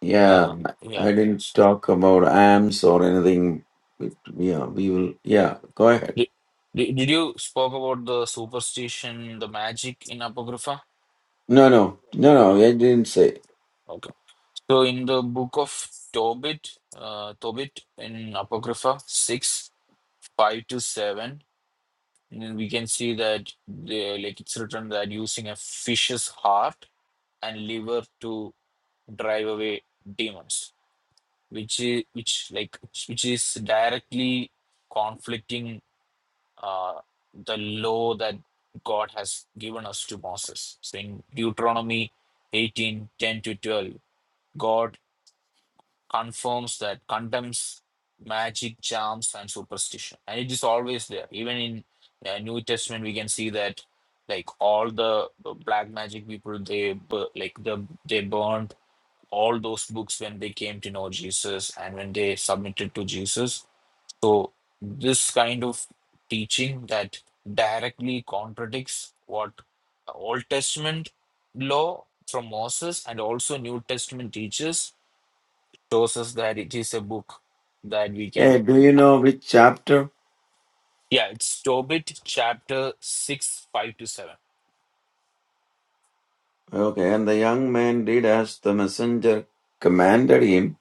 Yeah,
uh yeah
I didn't talk about AMS or anything. But yeah, we will. Yeah, go ahead.
did, did did you spoke about the superstition the magic in apocrypha
No, no, no, no,
no
I didn't say.
okay so in the book of tobit uh tobit in apocrypha 6 5 to 7 and then we can see that the, like it's written that using a fish's heart and liver to drive away demons which is which like which is directly conflicting uh, the law that god has given us to moses so in deuteronomy 18 10 to 12 god confirms that condemns magic charms and superstition and it is always there even in uh, new testament we can see that like all the uh, black magic people they like the they burned all those books when they came to know Jesus and when they submitted to Jesus. So, this kind of teaching that directly contradicts what Old Testament law from Moses and also New Testament teaches shows us that it is a book that we can
Hey, do you
have.
know which chapter?
Yeah, it's Tobit chapter 6, 5 to 7.
Okay, and the young man did as the messenger commanded him.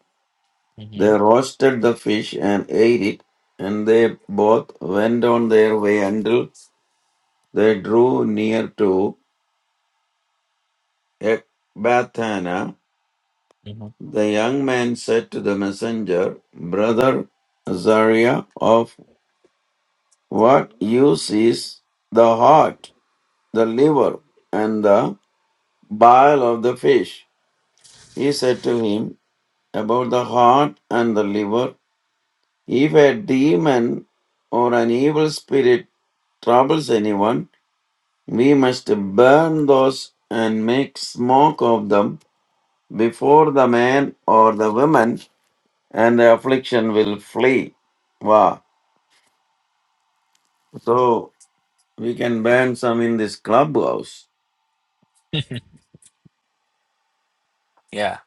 hmm
They roasted the fish and ate it, and they both went on their way until they drew near to Ecbatana.
hmm
The young man said to the messenger, Brother Azariah, of what use is the heart, the liver, and the bile of the fish? He said to him, About the heart and the liver, if a demon or an evil spirit troubles anyone, we must burn those and make smoke of them before the man or the woman, and the affliction will flee. Wow. So we can burn some in this clubhouse.
Yeah,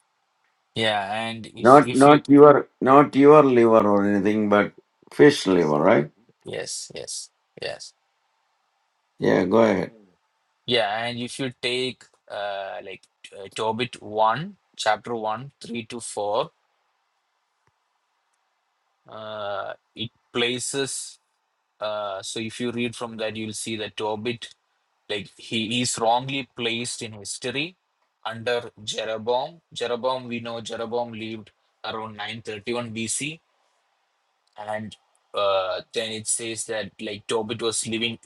yeah. And if,
Not
if you,
not your not your liver or anything, but fish liver, right?
yes, yes, yes.
Yeah, go ahead.
Yeah, and if you take uh, like uh, Tobit 1, chapter 1, 3 to 4, uh, it places. Uh, so if you read from that, you'll see that Tobit, like he is wrongly placed in history under Jeroboam. Jeroboam, we know Jeroboam lived around 931 BC, and uh, then it says that like Tobit was living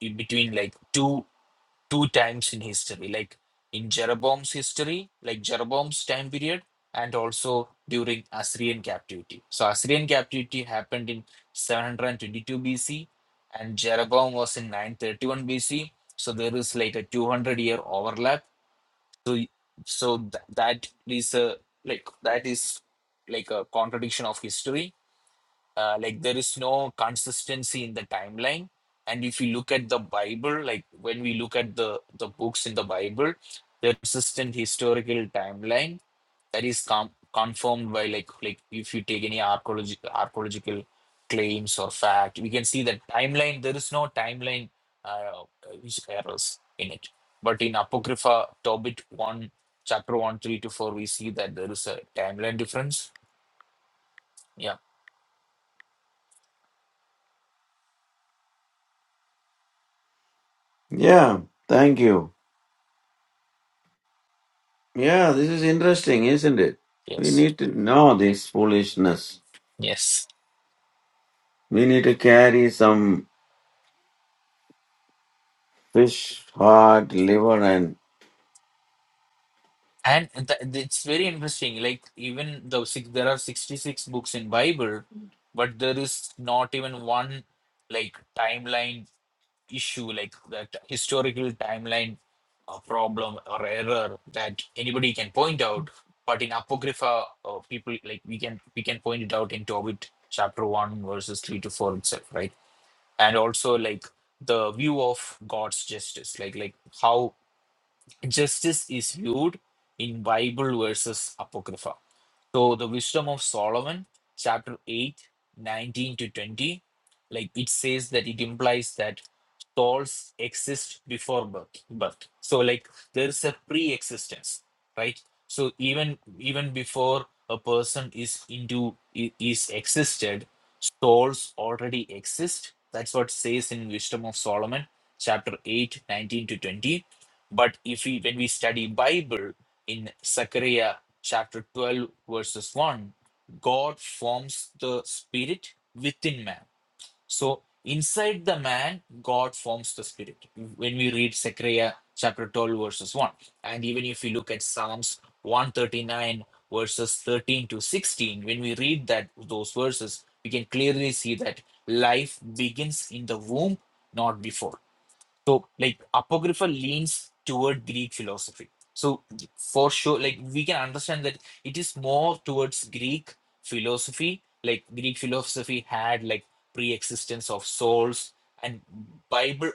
in between like two two times in history, like in Jeroboam's history, like Jeroboam's time period, and also during Assyrian captivity. So Assyrian captivity happened in 722 BC, and Jeroboam was in 931 BC. So there is like a 200 year overlap. So y- so th- that is a like that is like a contradiction of history uh, like there is no consistency in the timeline and if you look at the bible like when we look at the the books in the bible the consistent historical timeline that is com- confirmed by like like if you take any archaeology archaeological claims or fact we can see that timeline there is no timeline uh, which errors in it but in apocrypha tobit 1 chapter 1 3 to 4 we see that there is a timeline difference yeah
Yeah, thank you. Yeah, this is interesting, isn't it? We
yes
need to know this foolishness.
yes
We need to carry some fish, heart, liver, and
and th- it's very interesting like even though six, there are 66 books in bible but there is not even one like timeline issue like that historical timeline uh, problem or error that anybody can point out but in apocrypha uh, people like we can we can point it out in tobit chapter 1 verses 3 to 4 itself right and also like the view of god's justice like like how Justice is viewed in Bible verses Apocrypha. So the wisdom of Solomon, chapter 8, 19 to 20, like it says that it implies that souls exist before birth. birth. So like there is a pre-existence, right? So even even before a person is into i- is existed, souls already exist. That's what says in Wisdom of Solomon, chapter 8, 19 to 20. But if we when we study Bible in Zechariah chapter 12, verses 1, God forms the spirit within man. So inside the man, God forms the spirit. When we read Zechariah chapter 12, verses 1, and even if we look at Psalms 139, verses 13 to 16, when we read that those verses, we can clearly see that life begins in the womb, not before. So, like Apocrypha leans toward Greek philosophy. So, for sure, like we can understand that it is more towards Greek philosophy. Like Greek philosophy had like pre-existence of souls, and Bible,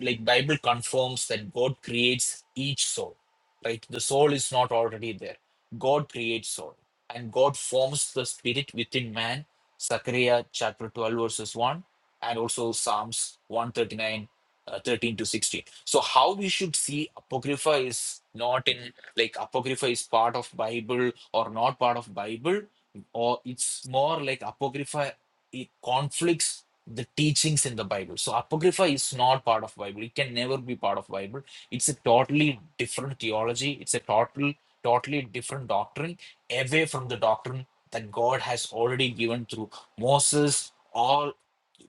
like Bible confirms that God creates each soul. Right, the soul is not already there. God creates soul, and God forms the spirit within man. Zechariah chapter twelve verses one, and also Psalms one thirty nine uh, 13 to 16 so how we should see apocrypha is not in like apocrypha is part of bible or not part of bible or it's more like apocrypha it conflicts the teachings in the bible so apocrypha is not part of bible it can never be part of bible it's a totally different theology it's a total totally different doctrine away from the doctrine that god has already given through moses All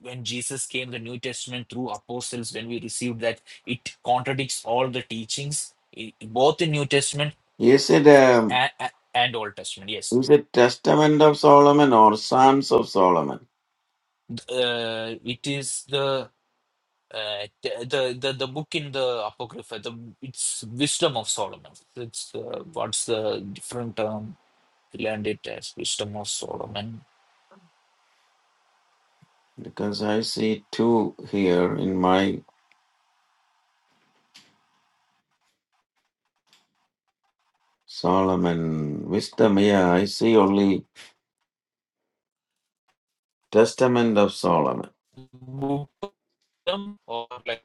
when Jesus came, the New Testament through apostles, when we received that, it contradicts all the teachings, i- both in New Testament
is it um
and, and Old Testament. Yes,
is it Testament of Solomon or Psalms of Solomon?
uh, it is the uh, the, the the the book in the Apocrypha. The it's Wisdom of Solomon. It's uh, what's the different term? We learned it as Wisdom of Solomon.
Because I see two here in my Solomon wisdom. Yeah, I see only Testament of Solomon.
Wisdom or like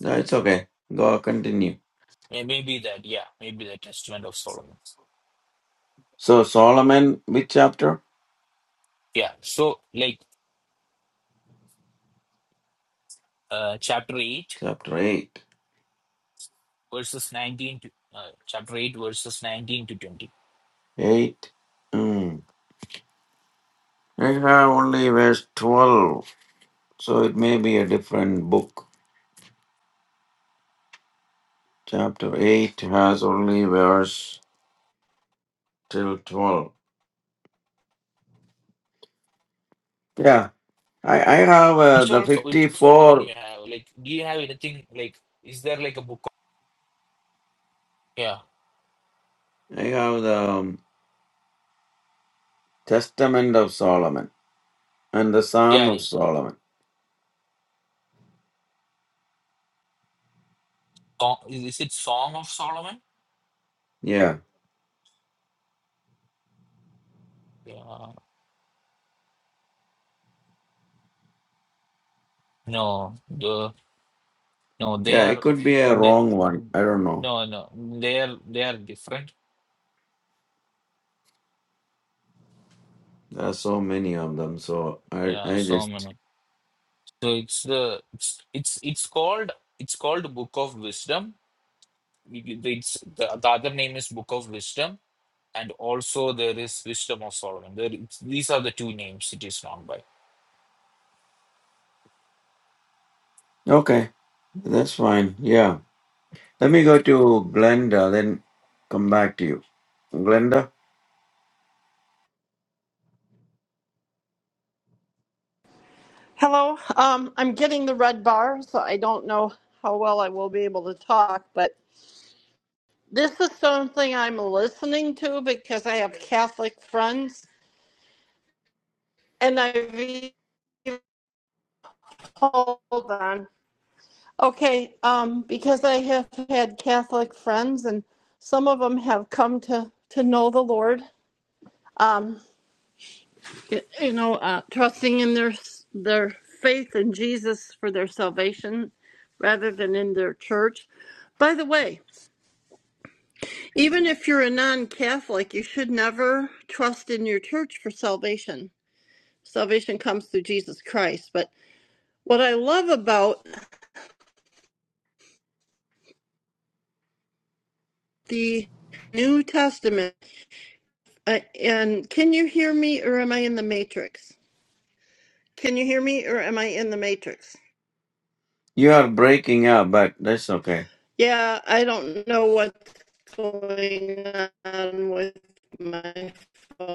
That's okay. Go continue.
eh, maybe that. Yeah, maybe the Testament of Solomon.
So Solomon, which chapter?
Yeah. So like uh, chapter 8
Chapter eight.
verses 19 to uh, chapter 8 verses 19 to 20
Eight. Hmm. I have only verse 12, so it may be a different book. Chapter 8 has only verse till 12. Yeah, I, I have uh,
which
the
also which following
54,
you have like do you have anything like is there like a book of- yeah
I have the um, Testament of Solomon and the Psalm of
yeah
Solomon.
Song- is it song of solomon
Yeah,
yeah no the no they
yeah, it
are
could be a
they,
wrong one. I don't know.
no no they are they are different
There are so many of them, so I,
yeah
I just.
solomon so it's the it's it's it's called it's called book of wisdom it's the, the other name is book of wisdom and also there is Wisdom of Solomon. There, it's- these are the two names it is known by.
Okay, that's fine. Yeah. Let me go to Glenda, then come back to you. Glenda?
Hello. Um, I'm getting the red bar, so I don't know how well I will be able to talk, but this is something I'm listening to because I have Catholic friends, and I've even- hold on. Okay, um, because I have had Catholic friends, and some of them have come to to know the Lord. Um, you know, uh, trusting in their their faith in Jesus for their salvation rather than in their church. By the way, even if you're a non-Catholic, you should never trust in your church for salvation. Salvation comes through Jesus Christ. But what I love about the New Testament, uh, and can you hear me or am I in the matrix? Can you hear me or am I in the matrix?
You are breaking up, but that's okay.
Yeah, I don't know what's going on with my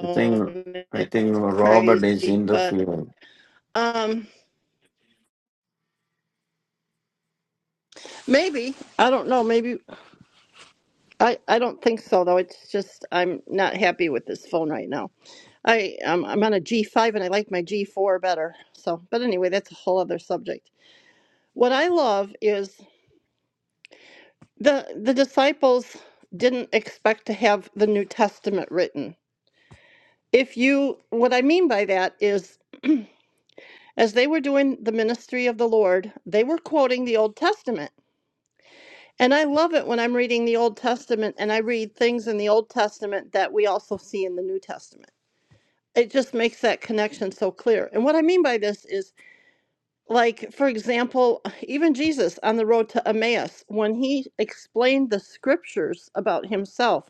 I think I think
It's
Robert is
crazy, but
interfering.
um maybe. I don't know, maybe I I don't think so though. It's just I'm not happy with this phone right now. I um, I'm on a G5 and I like my G4 better. So, but anyway, that's a whole other subject. What I love is the the disciples didn't expect to have the New Testament written if you what i mean by that is as they were doing the ministry of the Lord, they were quoting the Old Testament. And I love it when I'm reading the Old Testament and I read things in the Old Testament that we also see in the New Testament. It just makes that connection so clear. And what I mean by this is like for example even jesus on the road to emmaus when he explained the scriptures about himself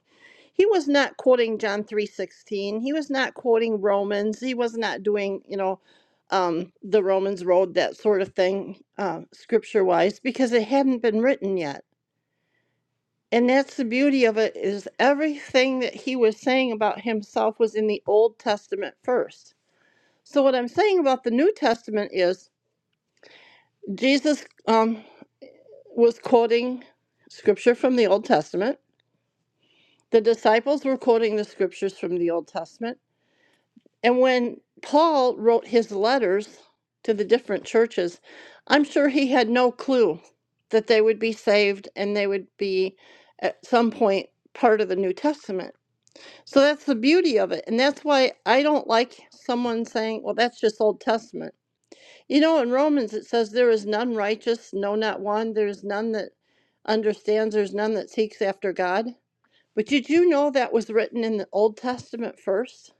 he was not quoting john 3.16 he was not quoting romans he was not doing you know um, the romans road that sort of thing uh, scripture wise because it hadn't been written yet and that's the beauty of it is everything that he was saying about himself was in the old testament first so what i'm saying about the new testament is jesus um, was quoting scripture from the Old Testament. The disciples were quoting the scriptures from the Old Testament. And when Paul wrote his letters to the different churches, I'm sure he had no clue that they would be saved and they would be at some point part of the New Testament. So that's the beauty of it. And that's why I don't like someone saying, well, that's just Old Testament you know, in Romans it says, There is none righteous, no, not one. There is none that understands, there's none that seeks after God. But did you know that was written in the Old Testament first?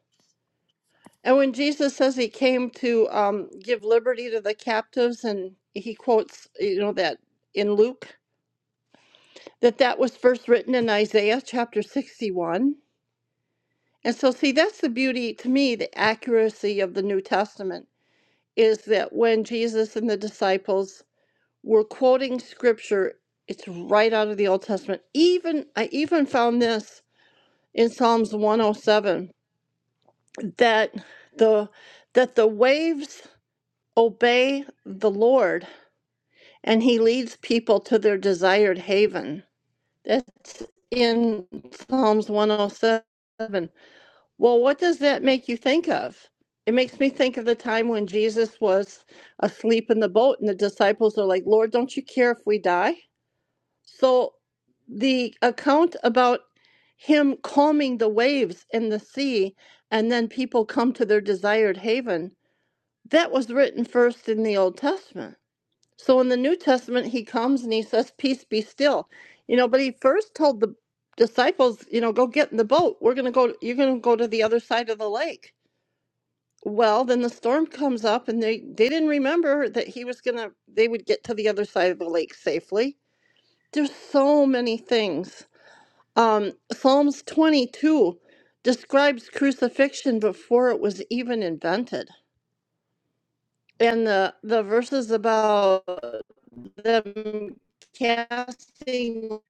And when Jesus says he came to um, give liberty to the captives, and he quotes, you know, that in Luke, that that was first written in Isaiah chapter 61. And so, see, that's the beauty to me, the accuracy of the New Testament is that when Jesus and the disciples We're quoting scripture. It's right out of the Old Testament. Even I even found this in Psalms 107 that the that the waves obey the Lord and he leads people to their desired haven. That's in Psalms 107. Well, what does that make you think of? It makes me think of the time when Jesus was asleep in the boat and the disciples are like, "Lord, don't you care if we die?" So the account about him calming the waves in the sea and then people come to their desired haven, that was written first in the Old Testament. So in the New Testament, he comes and he says, Peace be still. You know, but he first told the disciples, you know, go get in the boat. We're gonna go you're gonna go to the other side of the lake. Well, then the storm comes up and they, they didn't remember that he was gonna they would get to the other side of the lake safely. There's so many things um, Psalms 22 describes crucifixion before it was even invented. And the, the verses about them casting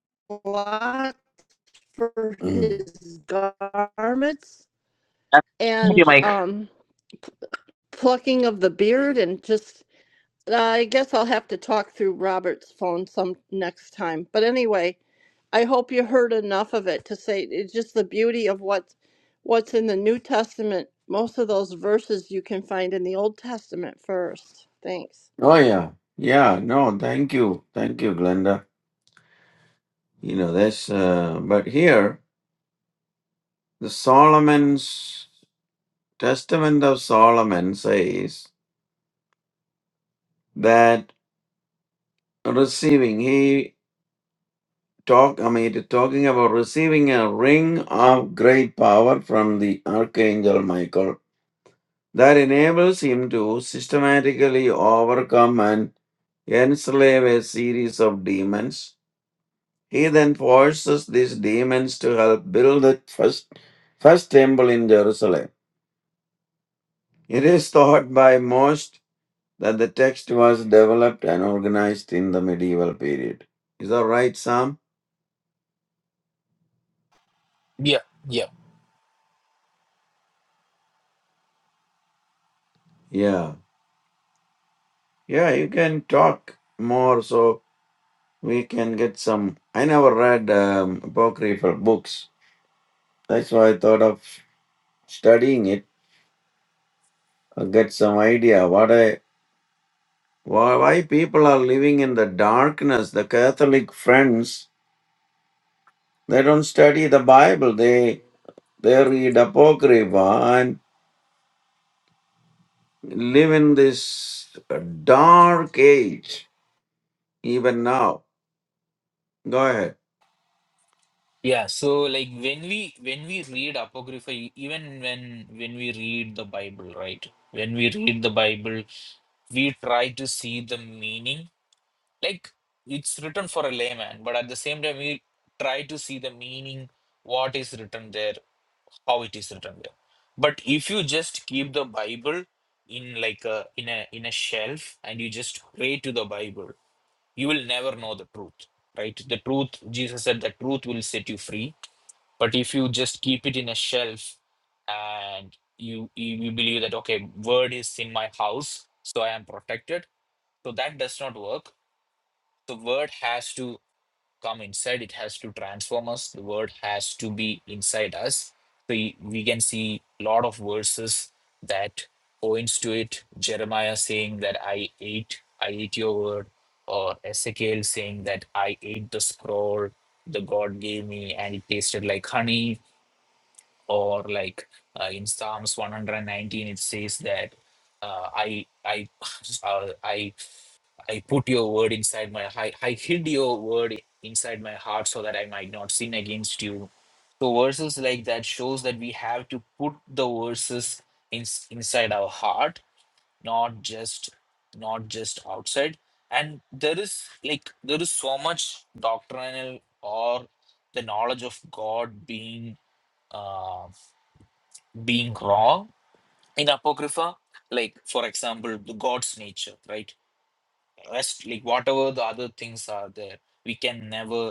lots for
Mm.
his garments
Thank you,
and
Mike.
um, plucking of the beard and just, I guess I'll have to talk through Robert's phone some next time. But anyway, I hope you heard enough of it to say it's just the beauty of what what's in the New Testament. Most of those verses you can find in the Old Testament first. Thanks.
Oh yeah, yeah. No, thank you, thank you, Glenda. You know that's. Uh, but here, the Solomon's Testament of Solomon says that receiving he talk. I mean, it talking about receiving a ring of great power from the archangel Michael that enables him to systematically overcome and enslave a series of demons. He then forces these demons to help build the first, first temple in Jerusalem. It is thought by most that the text was developed and organized in the medieval period. Is that right, Sam?
Yeah, yeah,
Yeah. Yeah, you can talk more so we can get some. I never read um, apocryphal books. That's why I thought of studying it, uh, get some idea what I why, why people are living in the darkness. The Catholic friends they don't study the Bible. They they read apocrypha and live in this uh, dark age. Even now, go ahead.
yeah. So like when we when we read Apocrypha, e- even when when we read the Bible, right? When we read the Bible, we try to see the meaning. Like it's written for a layman, but at the same time we try to see the meaning, what is written there, how it is written there. But if you just keep the Bible in like a in a in a shelf and you just pray to the Bible you will never know the truth right the truth jesus said the truth will set you free but if you just keep it in a shelf and you you, you believe that okay word is in my house so i am protected so that does not work the word has to come inside it has to transform us the word has to be inside us so we can see a lot of verses that points to it jeremiah saying that i ate i ate your word or ezekiel saying that i ate the scroll the god gave me and it tasted like honey or like uh, in Psalms 119 it says that uh, I I uh, I I put your word inside my I, I hid your word inside my heart so that I might not sin against you. So verses like that shows that we have to put the verses in, inside our heart, not just not just outside. And there is like there is so much doctrinal or the knowledge of God being um being wrong in apocrypha like for example the god's nature right rest like whatever the other things are there we can never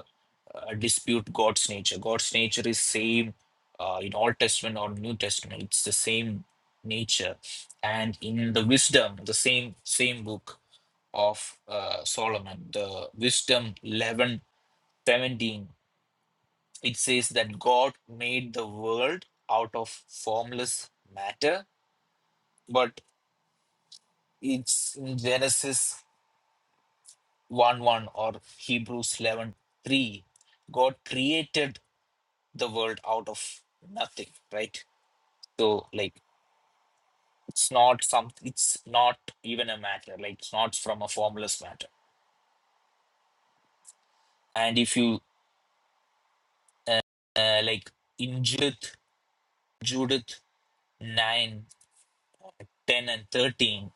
uh, dispute god's nature god's nature is same uh, in old testament or new testament it's the same nature and in the wisdom the same same book of uh, solomon the wisdom 11 17, it says that god made the world out of formless matter but it's in Genesis 1 1 or Hebrews 11 3. God created the world out of nothing, right? So, like, it's not some, it's not even a matter, like, it's not from a formless matter. And if you, uh, uh, like, in Judith, Judith 9, ten and 13,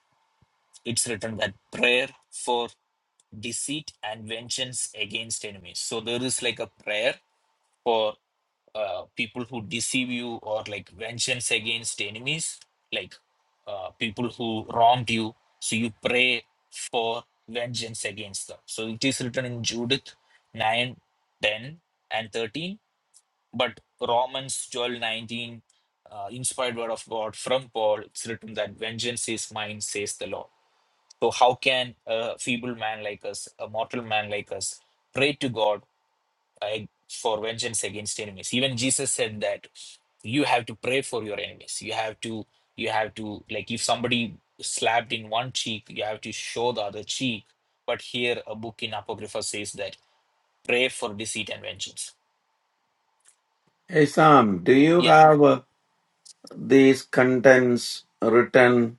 it's written that prayer for deceit and vengeance against enemies. So, there is like a prayer for uh, people who deceive you or like vengeance against enemies, like uh, people who wronged you. So you pray for vengeance against them. So it is written in Judith 9, 10, and 13. But Romans 12 19, uh, inspired word of God from Paul, it's written that vengeance is mine, says the Lord. So how can a feeble man like us, a mortal man like us, pray to God? I, for vengeance against enemies. Even Jesus said that you have to pray for your enemies. You have to, you have to, like, if somebody slapped in one cheek, you have to show the other cheek. But here, a book in Apocrypha says that pray for deceit and vengeance.
Hey Sam, do you
Yeah,
have uh, these contents written?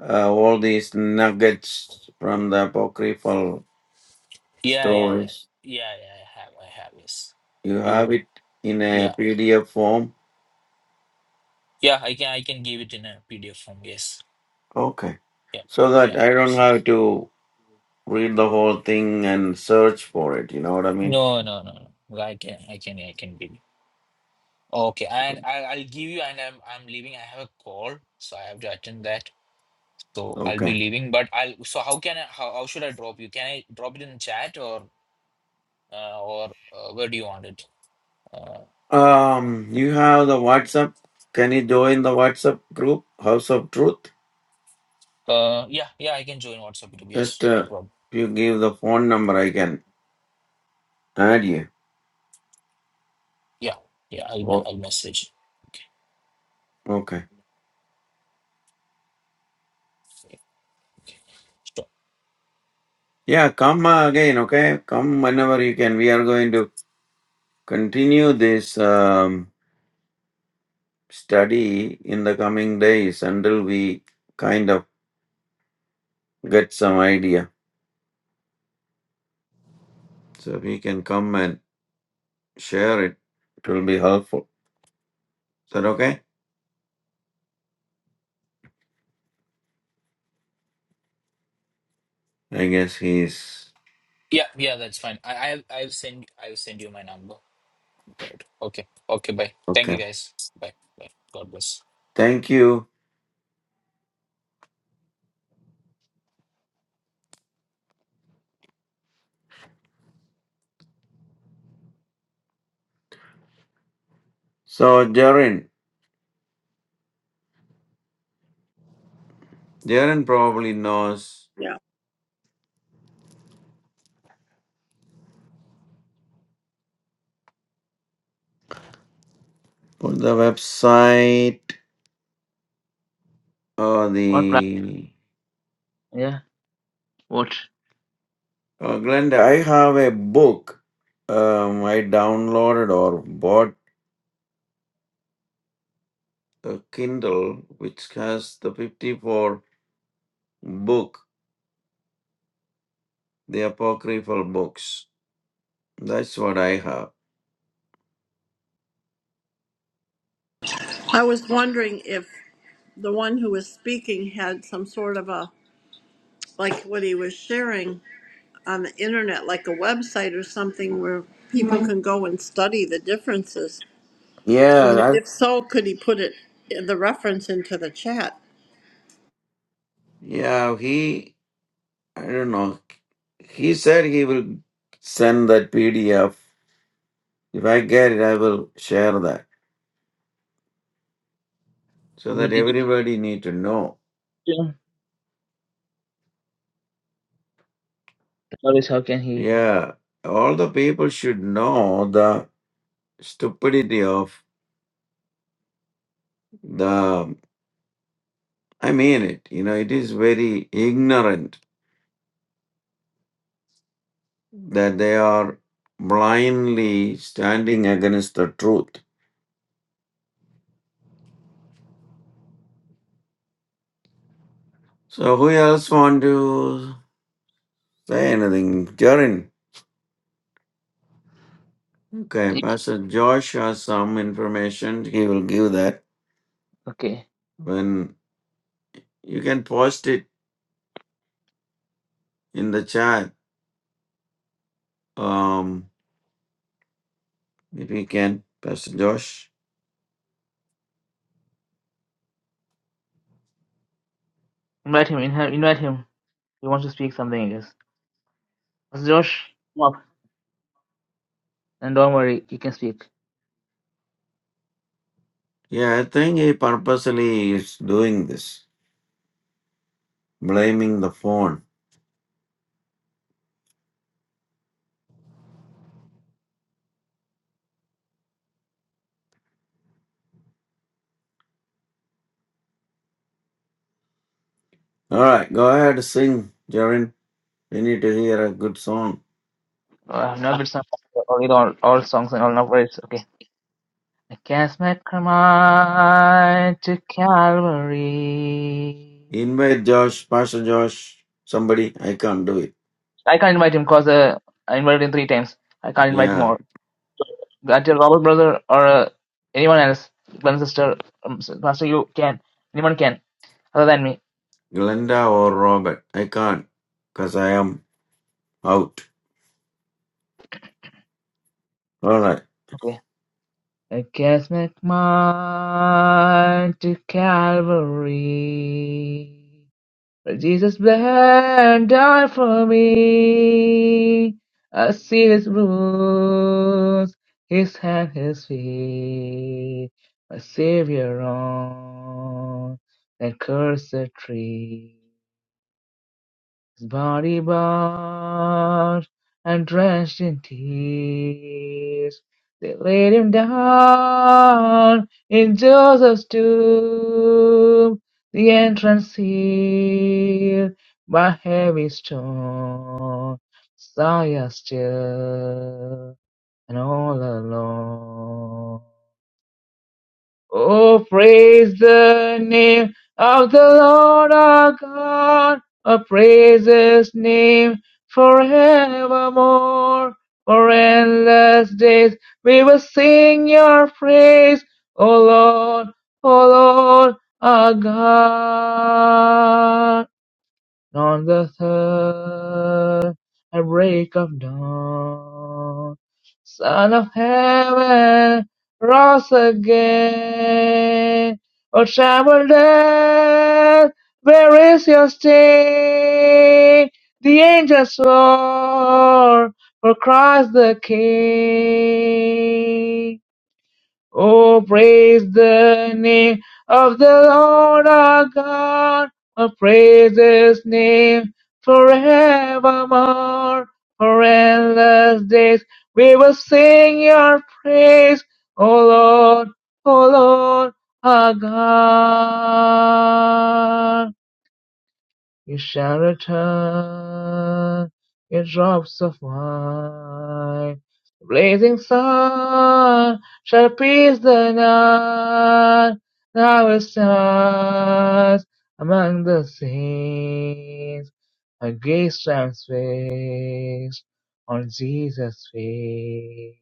Uh, all these nuggets from the apocryphal
yeah, yeah, yeah,
stories.
yeah, yeah. I have, I have. Yes,
You have
you.
it in a
Yeah,
PDF form.
yeah. I can, I can give it in a PDF form. Yes.
Okay.
Yeah,
So that
yeah.
I don't
So-
have to read the whole thing and search for it, you know what I mean?
No, no, no, no. I can, I can, I can give. Okay, and I, I'll give you, and I'm I'm leaving. I have a call, so I have to attend that. So I'll be
Okay.
leaving, but I'll. So how can I? How, how should I drop you? Can I drop it in chat or uh, or uh, where do you want it? Uh,
Um, you have the WhatsApp. Can you join the WhatsApp group, House of Truth?
uh, yeah, yeah, I can join WhatsApp group.
Just
Yes, no
uh,
problem.
if you give the phone number, I can add you.
Yeah, yeah, I'll me-
Oh.
I'll message.
Okay.
Sure.
Yeah, come uh, again, okay? Come whenever you can. We are going to continue this um, study in the coming days until we kind of get some idea. So if you can come and Share it. It will be helpful. Is that okay? I guess he's
Yeah, yeah, that's fine. I I'll I'll send I'll send you my number. Good. Okay, okay, bye. Thank
okay.
you guys. Bye, bye. God bless.
Thank you. So Jaren, Jaren probably knows
Yeah.
put the website or
What plan?
the
Yeah. What?
oh, Glenda. I have a book. Um, I downloaded or bought a Kindle which has the fifty-four book, the apocryphal books. That's what I have.
I was wondering if the one who was speaking had some sort of a like what he was sharing on the internet, like a website or something where people Mhm. can go and study the differences.
Yeah,
And
that,
if so, could he put it the reference into the chat?
yeah. He I don't know. He said he will send that PDF. If I get it, I will share that so that
But did
everybody need to know.
you? Always, how can he?
Yeah, all the people should know the stupidity of the. I mean it. You know, it is very ignorant that they are blindly standing against the truth. So who else want to say anything, Jarin? Okay, Pastor Josh has some information. He will give that
Okay,
when you can post it in the chat. Um, if you can, Pastor Josh.
invite him. Invite invite him. He wants to speak something, I guess. Pastor Josh, come up. And don't worry, you can speak.
Yeah, I think he purposely is doing this, blaming the phone. All right, go ahead, sing, Jaren. We need to hear a good song.
Oh, I have no good song. Or read all, all songs and all no words. Okay. I cast my mind to Calvary.
Invite Josh, Pastor Josh, somebody. I can't do it.
I can't invite him because uh, I invited him three times. I can't invite
Yeah,
more. That your Robert brother or uh, anyone else, Glenn sister, um, s- Pastor, you can. Anyone can, other than me.
Glenda or Robert. I can't because I am out. All right.
Okay. I cast my mind to Calvary, where Jesus bled and died for me. I see His wounds, His hand, His feet, my Savior on that cursed tree. His body bowed and drenched in tears. They laid him down in Joseph's tomb, the entrance sealed by heavy stone. Messiah still and all alone. Oh, praise the name of the Lord our God. Oh, praise his name forevermore. For endless days we will sing your praise, O Lord, O Lord our God. On the third at break of dawn, Son of heaven, rise again. O troubled earth, where is your sting? The angels swore for Christ the King. Oh, praise the name of the Lord our God. Oh, praise his name forevermore. For endless days we will sing your praise. O Lord, O Lord our God. You shall return in drops of wine. The blazing sun shall pierce the night. Thou will stand among the saints. Her gaze transfixed on Jesus' face.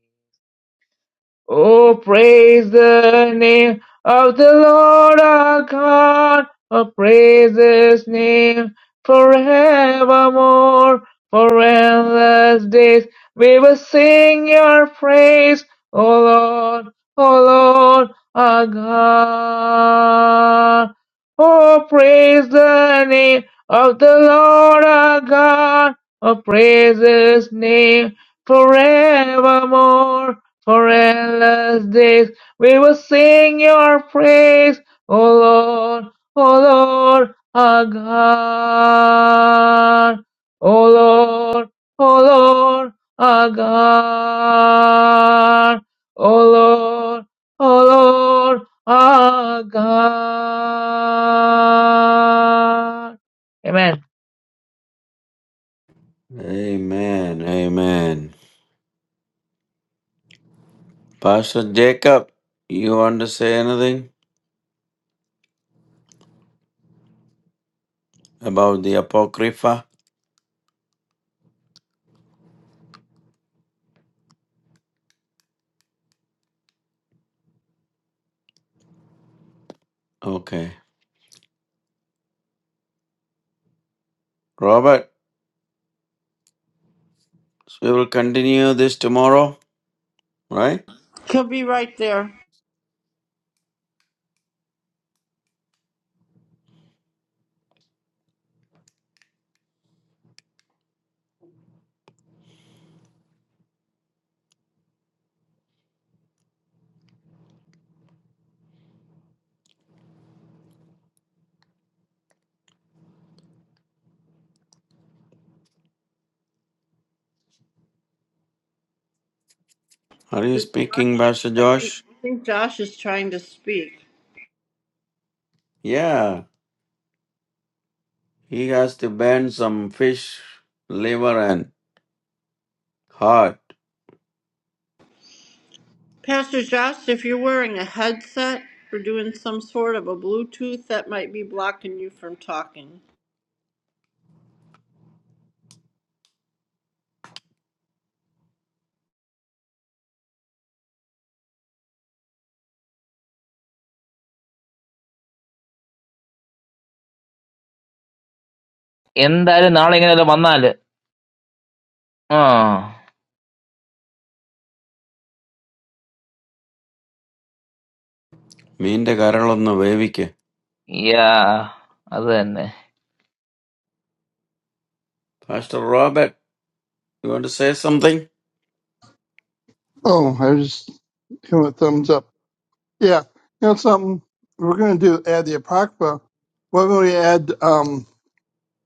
Oh, praise the name of the Lord our God. Oh, praise his name forevermore. For endless days we will sing your praise. O Lord, O Lord our God. Oh, praise the name of the Lord our God. Oh, praise his name forevermore for endless days we will sing your praise, O Lord, O Lord, our God. O Lord, O Lord, our God. O Lord, O Lord, our God. Amen.
Amen. Amen. Pastor Jacob, you want to say anything about the Apocrypha? Okay. Robert, we will continue this tomorrow, right?
He'll be right there.
Are you
Did
speaking,
Josh,
Pastor
I think,
Josh?
I think Josh is trying to speak.
Yeah. He has to burn some fish, liver, and heart.
Pastor Josh, if you're wearing a headset or doing some sort of a Bluetooth, that might be blocking you from talking.
എന്തായാലും നാളെ ഇങ്ങനെ വന്നാല് ആ
മീൻ്റെ കരളൊന്ന് വേവിക്ക്
യാ അത് തന്നെ
Pastor Robert, you want to say something?
Oh, I just give a thumbs up. Yeah. You know something? We're going to do add the Apocrypha. What would we add? Um,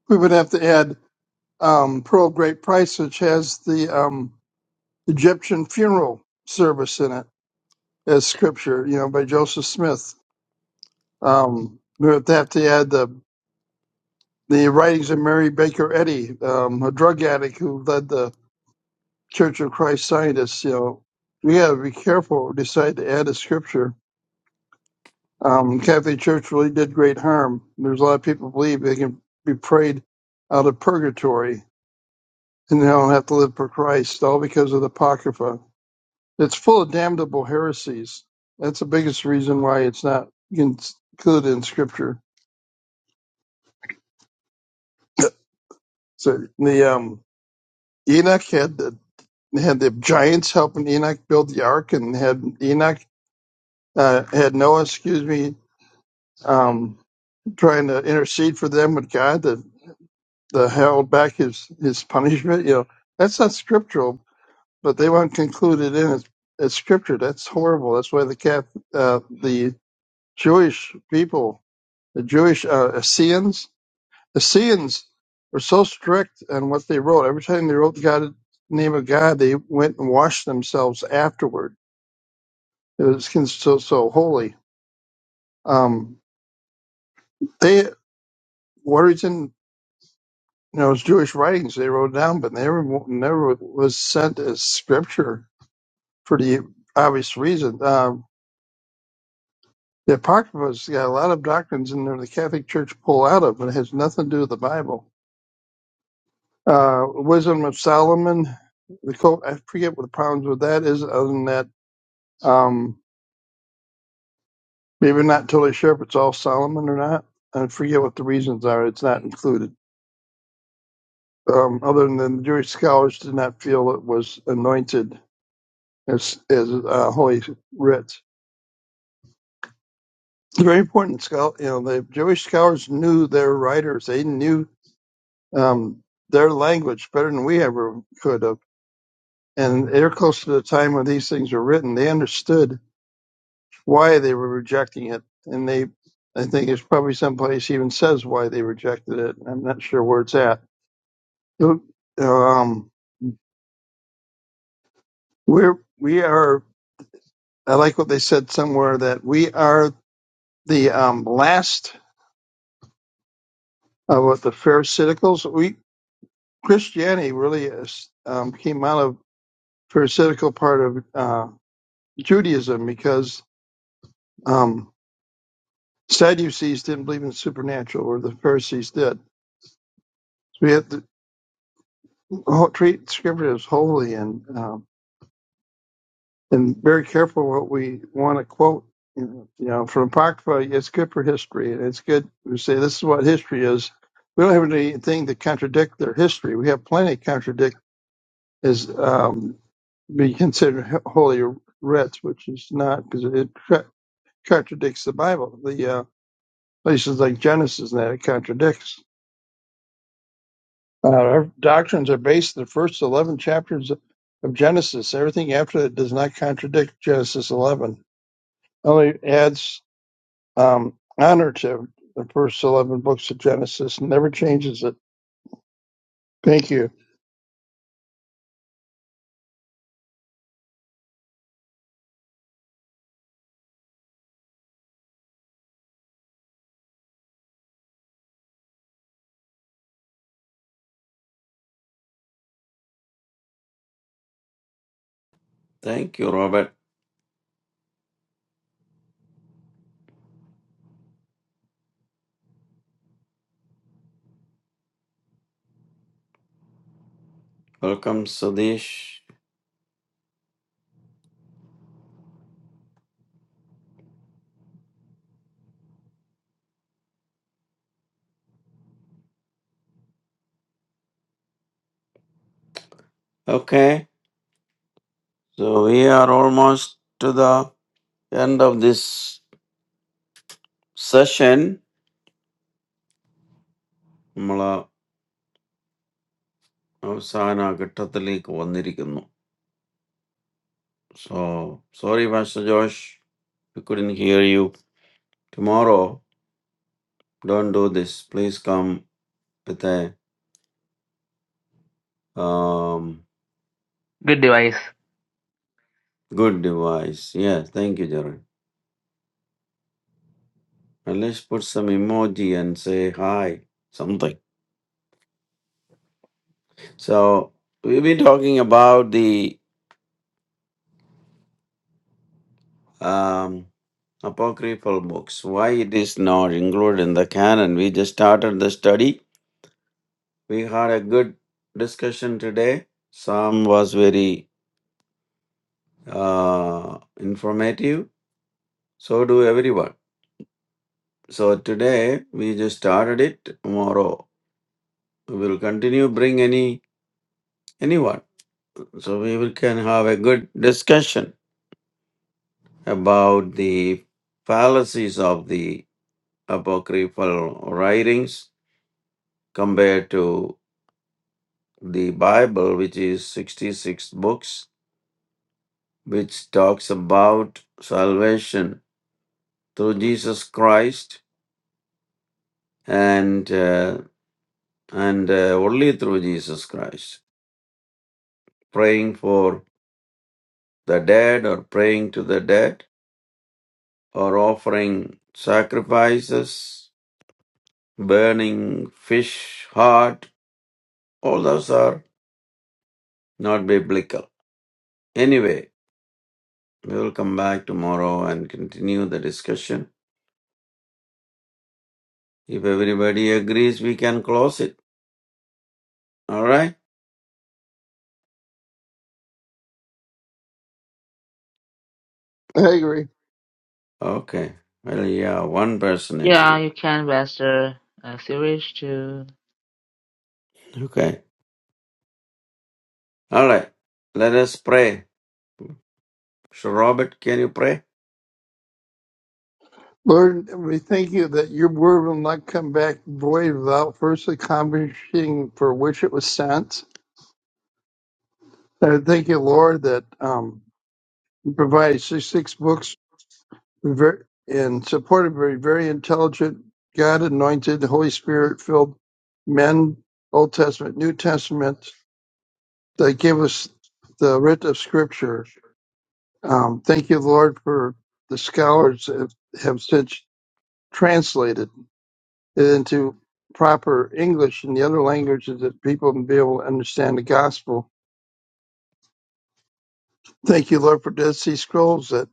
we would have to add um, Pearl of Great Price, which has the um, Egyptian funeral service in it as scripture, you know, by Joseph Smith. Um, we would have to add the the writings of Mary Baker Eddy, um, a drug addict who led the Church of Christ scientists, you know, we got to be careful. Decide to add a scripture. Um, Catholic Church really did great harm. There's a lot of people believe they can be prayed out of purgatory and they don't have to live for Christ, all because of the Apocrypha. It's full of damnable heresies. That's the biggest reason why it's not included in Scripture. So the um, Enoch had the had the giants helping Enoch build the ark, and had Enoch uh, had Noah, excuse me, um, trying to intercede for them with God that, that held back his, his punishment. You know, that's not scriptural, but they want concluded in as, as scripture. That's horrible. That's why the Cath, uh, the Jewish people, the Jewish uh, Essenes, Essenes were so strict on what they wrote. Every time they wrote God, name of God, they went and washed themselves afterward. It was cons- so so holy. Um, they Warrington You know, it's Jewish writings they wrote down, but never never was sent as scripture for the obvious reason. Um, the Apocrypha's got a lot of doctrines in there the Catholic Church pull out of, but it has nothing to do with the Bible. Uh, Wisdom of Solomon, the quote, I forget what the problems with that is, other than that, um, maybe not totally sure if it's all Solomon or not. I forget what the reasons are. It's not included. Um, other than the Jewish scholars did not feel it was anointed as, as uh, Holy Writ. very important. Schol- You know, the Jewish scholars knew their writers. They knew um, their language better than we ever could have. And they're close to the time when these things were written. They understood why they were rejecting it, and they, I think, it's probably someplace even says why they rejected it. I'm not sure where it's at. So, Um, we're we are. I like what they said somewhere that we are the um, last of what the Pharisaicals. We Christianity really is, um, came out of pharisaical part of uh, Judaism because um, Sadducees didn't believe in supernatural, or the Pharisees did. So we have to ho- treat Scripture as holy and um, and very careful what we want to quote. You know, from Apocrypha, it's good for history, and it's good to say this is what history is. We don't have anything to contradict their history. We have plenty of is um, be considered h- holy writs, which is not because it tra- contradicts the Bible. The uh, places like Genesis and that it contradicts. Uh, our doctrines are based on the first eleven chapters of Genesis. Everything after that does not contradict Genesis eleven. Only adds um, honor to the first eleven books of Genesis. and Never changes it. Thank you.
Thank you, Robert. Welcome, Sadish. Okay, so we are almost to the. End of this session. Mala, I'm sorry, I got totally cut off. So sorry, Master Josh, we couldn't hear you. Tomorrow, don't do this. Please come with a um,
good device
good device. Yes, thank you, Jaran. At least put some emoji and say hi. Something. So we've been talking about the um, apocryphal books. Why it is not included in the canon? We just started the study. We had a good discussion today. Sam was very uh, informative. So do everyone. So today we just started it. Tomorrow we will continue. Bring any anyone. So we will can have a good discussion about the fallacies of the apocryphal writings compared to the Bible, which is 66 books, which talks about salvation through Jesus Christ and uh, and uh, only through Jesus Christ. Praying for the dead or praying to the dead or offering sacrifices, burning fish, heart, all those are not biblical. Anyway, we will come back tomorrow and continue the discussion. If everybody agrees, we can close it. All right?
I agree.
Okay. Well, yeah, one person
Yeah,
agreed.
you can, Master uh, series too.
Okay. All right. Let us pray. Mr. Robert, can you pray?
Lord, we thank you that your word will not come back void without first accomplishing for which it was sent. And I thank you, Lord, that um, you provide six, six books ver- in support of very, very intelligent, God anointed, Holy Spirit filled men, Old Testament, New Testament, that give us the writ of Scripture. Um, thank you, Lord, for the scholars that have since translated into proper English and the other languages that people can be able to understand the gospel. Thank you, Lord, for Dead Sea Scrolls that,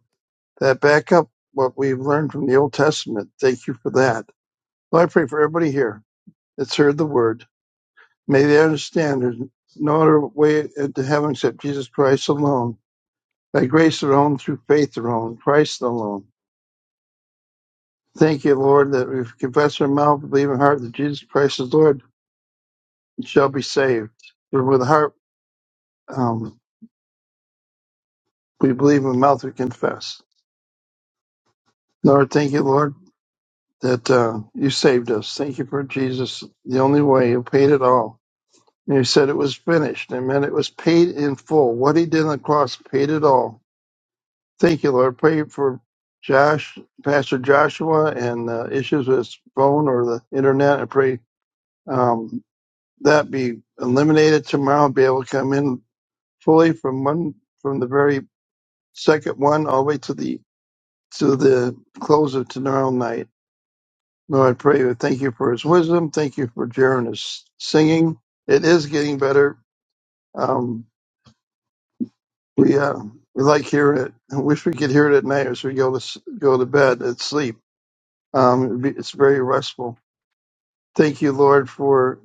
that back up what we've learned from the Old Testament. Thank you for that. Lord, I pray for everybody here that's heard the word. May they understand there's no other way into heaven except Jesus Christ alone, by grace alone, through faith alone, Christ alone. Thank you, Lord, that if we confess our mouth, believe in our heart that Jesus Christ is Lord, and shall be saved. For with the heart, um, We believe in mouth we confess. Lord, thank you, Lord, that uh, you saved us. Thank you for Jesus, the only way. You paid it all. And you said it was finished. and Amen. It was paid in full. What he did on the cross paid it all. Thank you, Lord. Pray for Josh, Pastor Joshua, and uh, issues with his phone or the internet. I pray um, that be eliminated tomorrow. Be able to come in fully from one from the very second one all the way to the to the close of tomorrow night. Lord, I pray we thank you for his wisdom. Thank you for Jaron's singing. It is getting better. Um, we uh, we like hearing it. I wish we could hear it at night as we go to s- go to bed and sleep. Um, it'd be- it's very restful. Thank you, Lord, for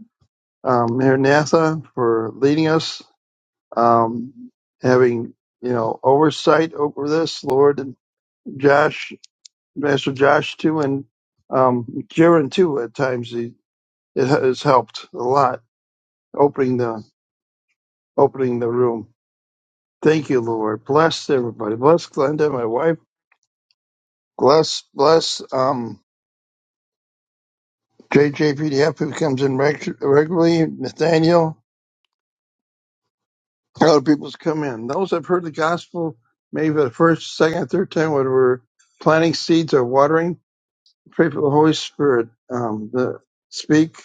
um, Mayor Natha for leading us, um, having you know oversight over this, Lord, and Josh, Master Josh too, and um, Jaron too. At times, he, it has helped a lot opening the opening the room. Thank you, Lord. Bless everybody. Bless Glenda, my wife. Bless, bless um, JJPDF who comes in reg- regularly. Nathaniel, other people's come in. Those that have heard the gospel, maybe for the first, second, third time, when we're planting seeds or watering, pray for the Holy Spirit um, to speak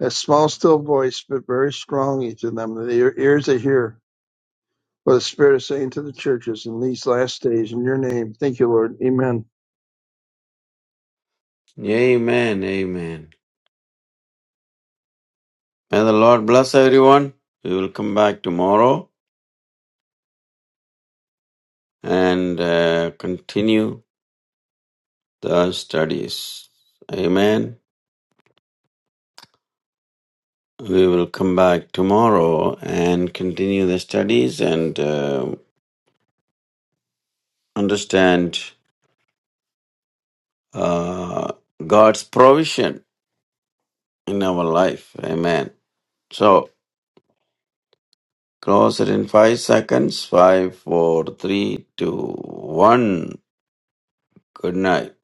a small, still voice, but very strong each of them. The ear- ears that hear what the Spirit is saying to the churches in these last days. In your name, thank you, Lord. Amen.
Amen. Amen. May the Lord bless everyone. We will come back tomorrow and uh, continue the studies. Amen. We will come back tomorrow and continue the studies and uh, understand uh, God's provision in our life. Amen. So, close it in five seconds. Five, four, three, two, one. Good night.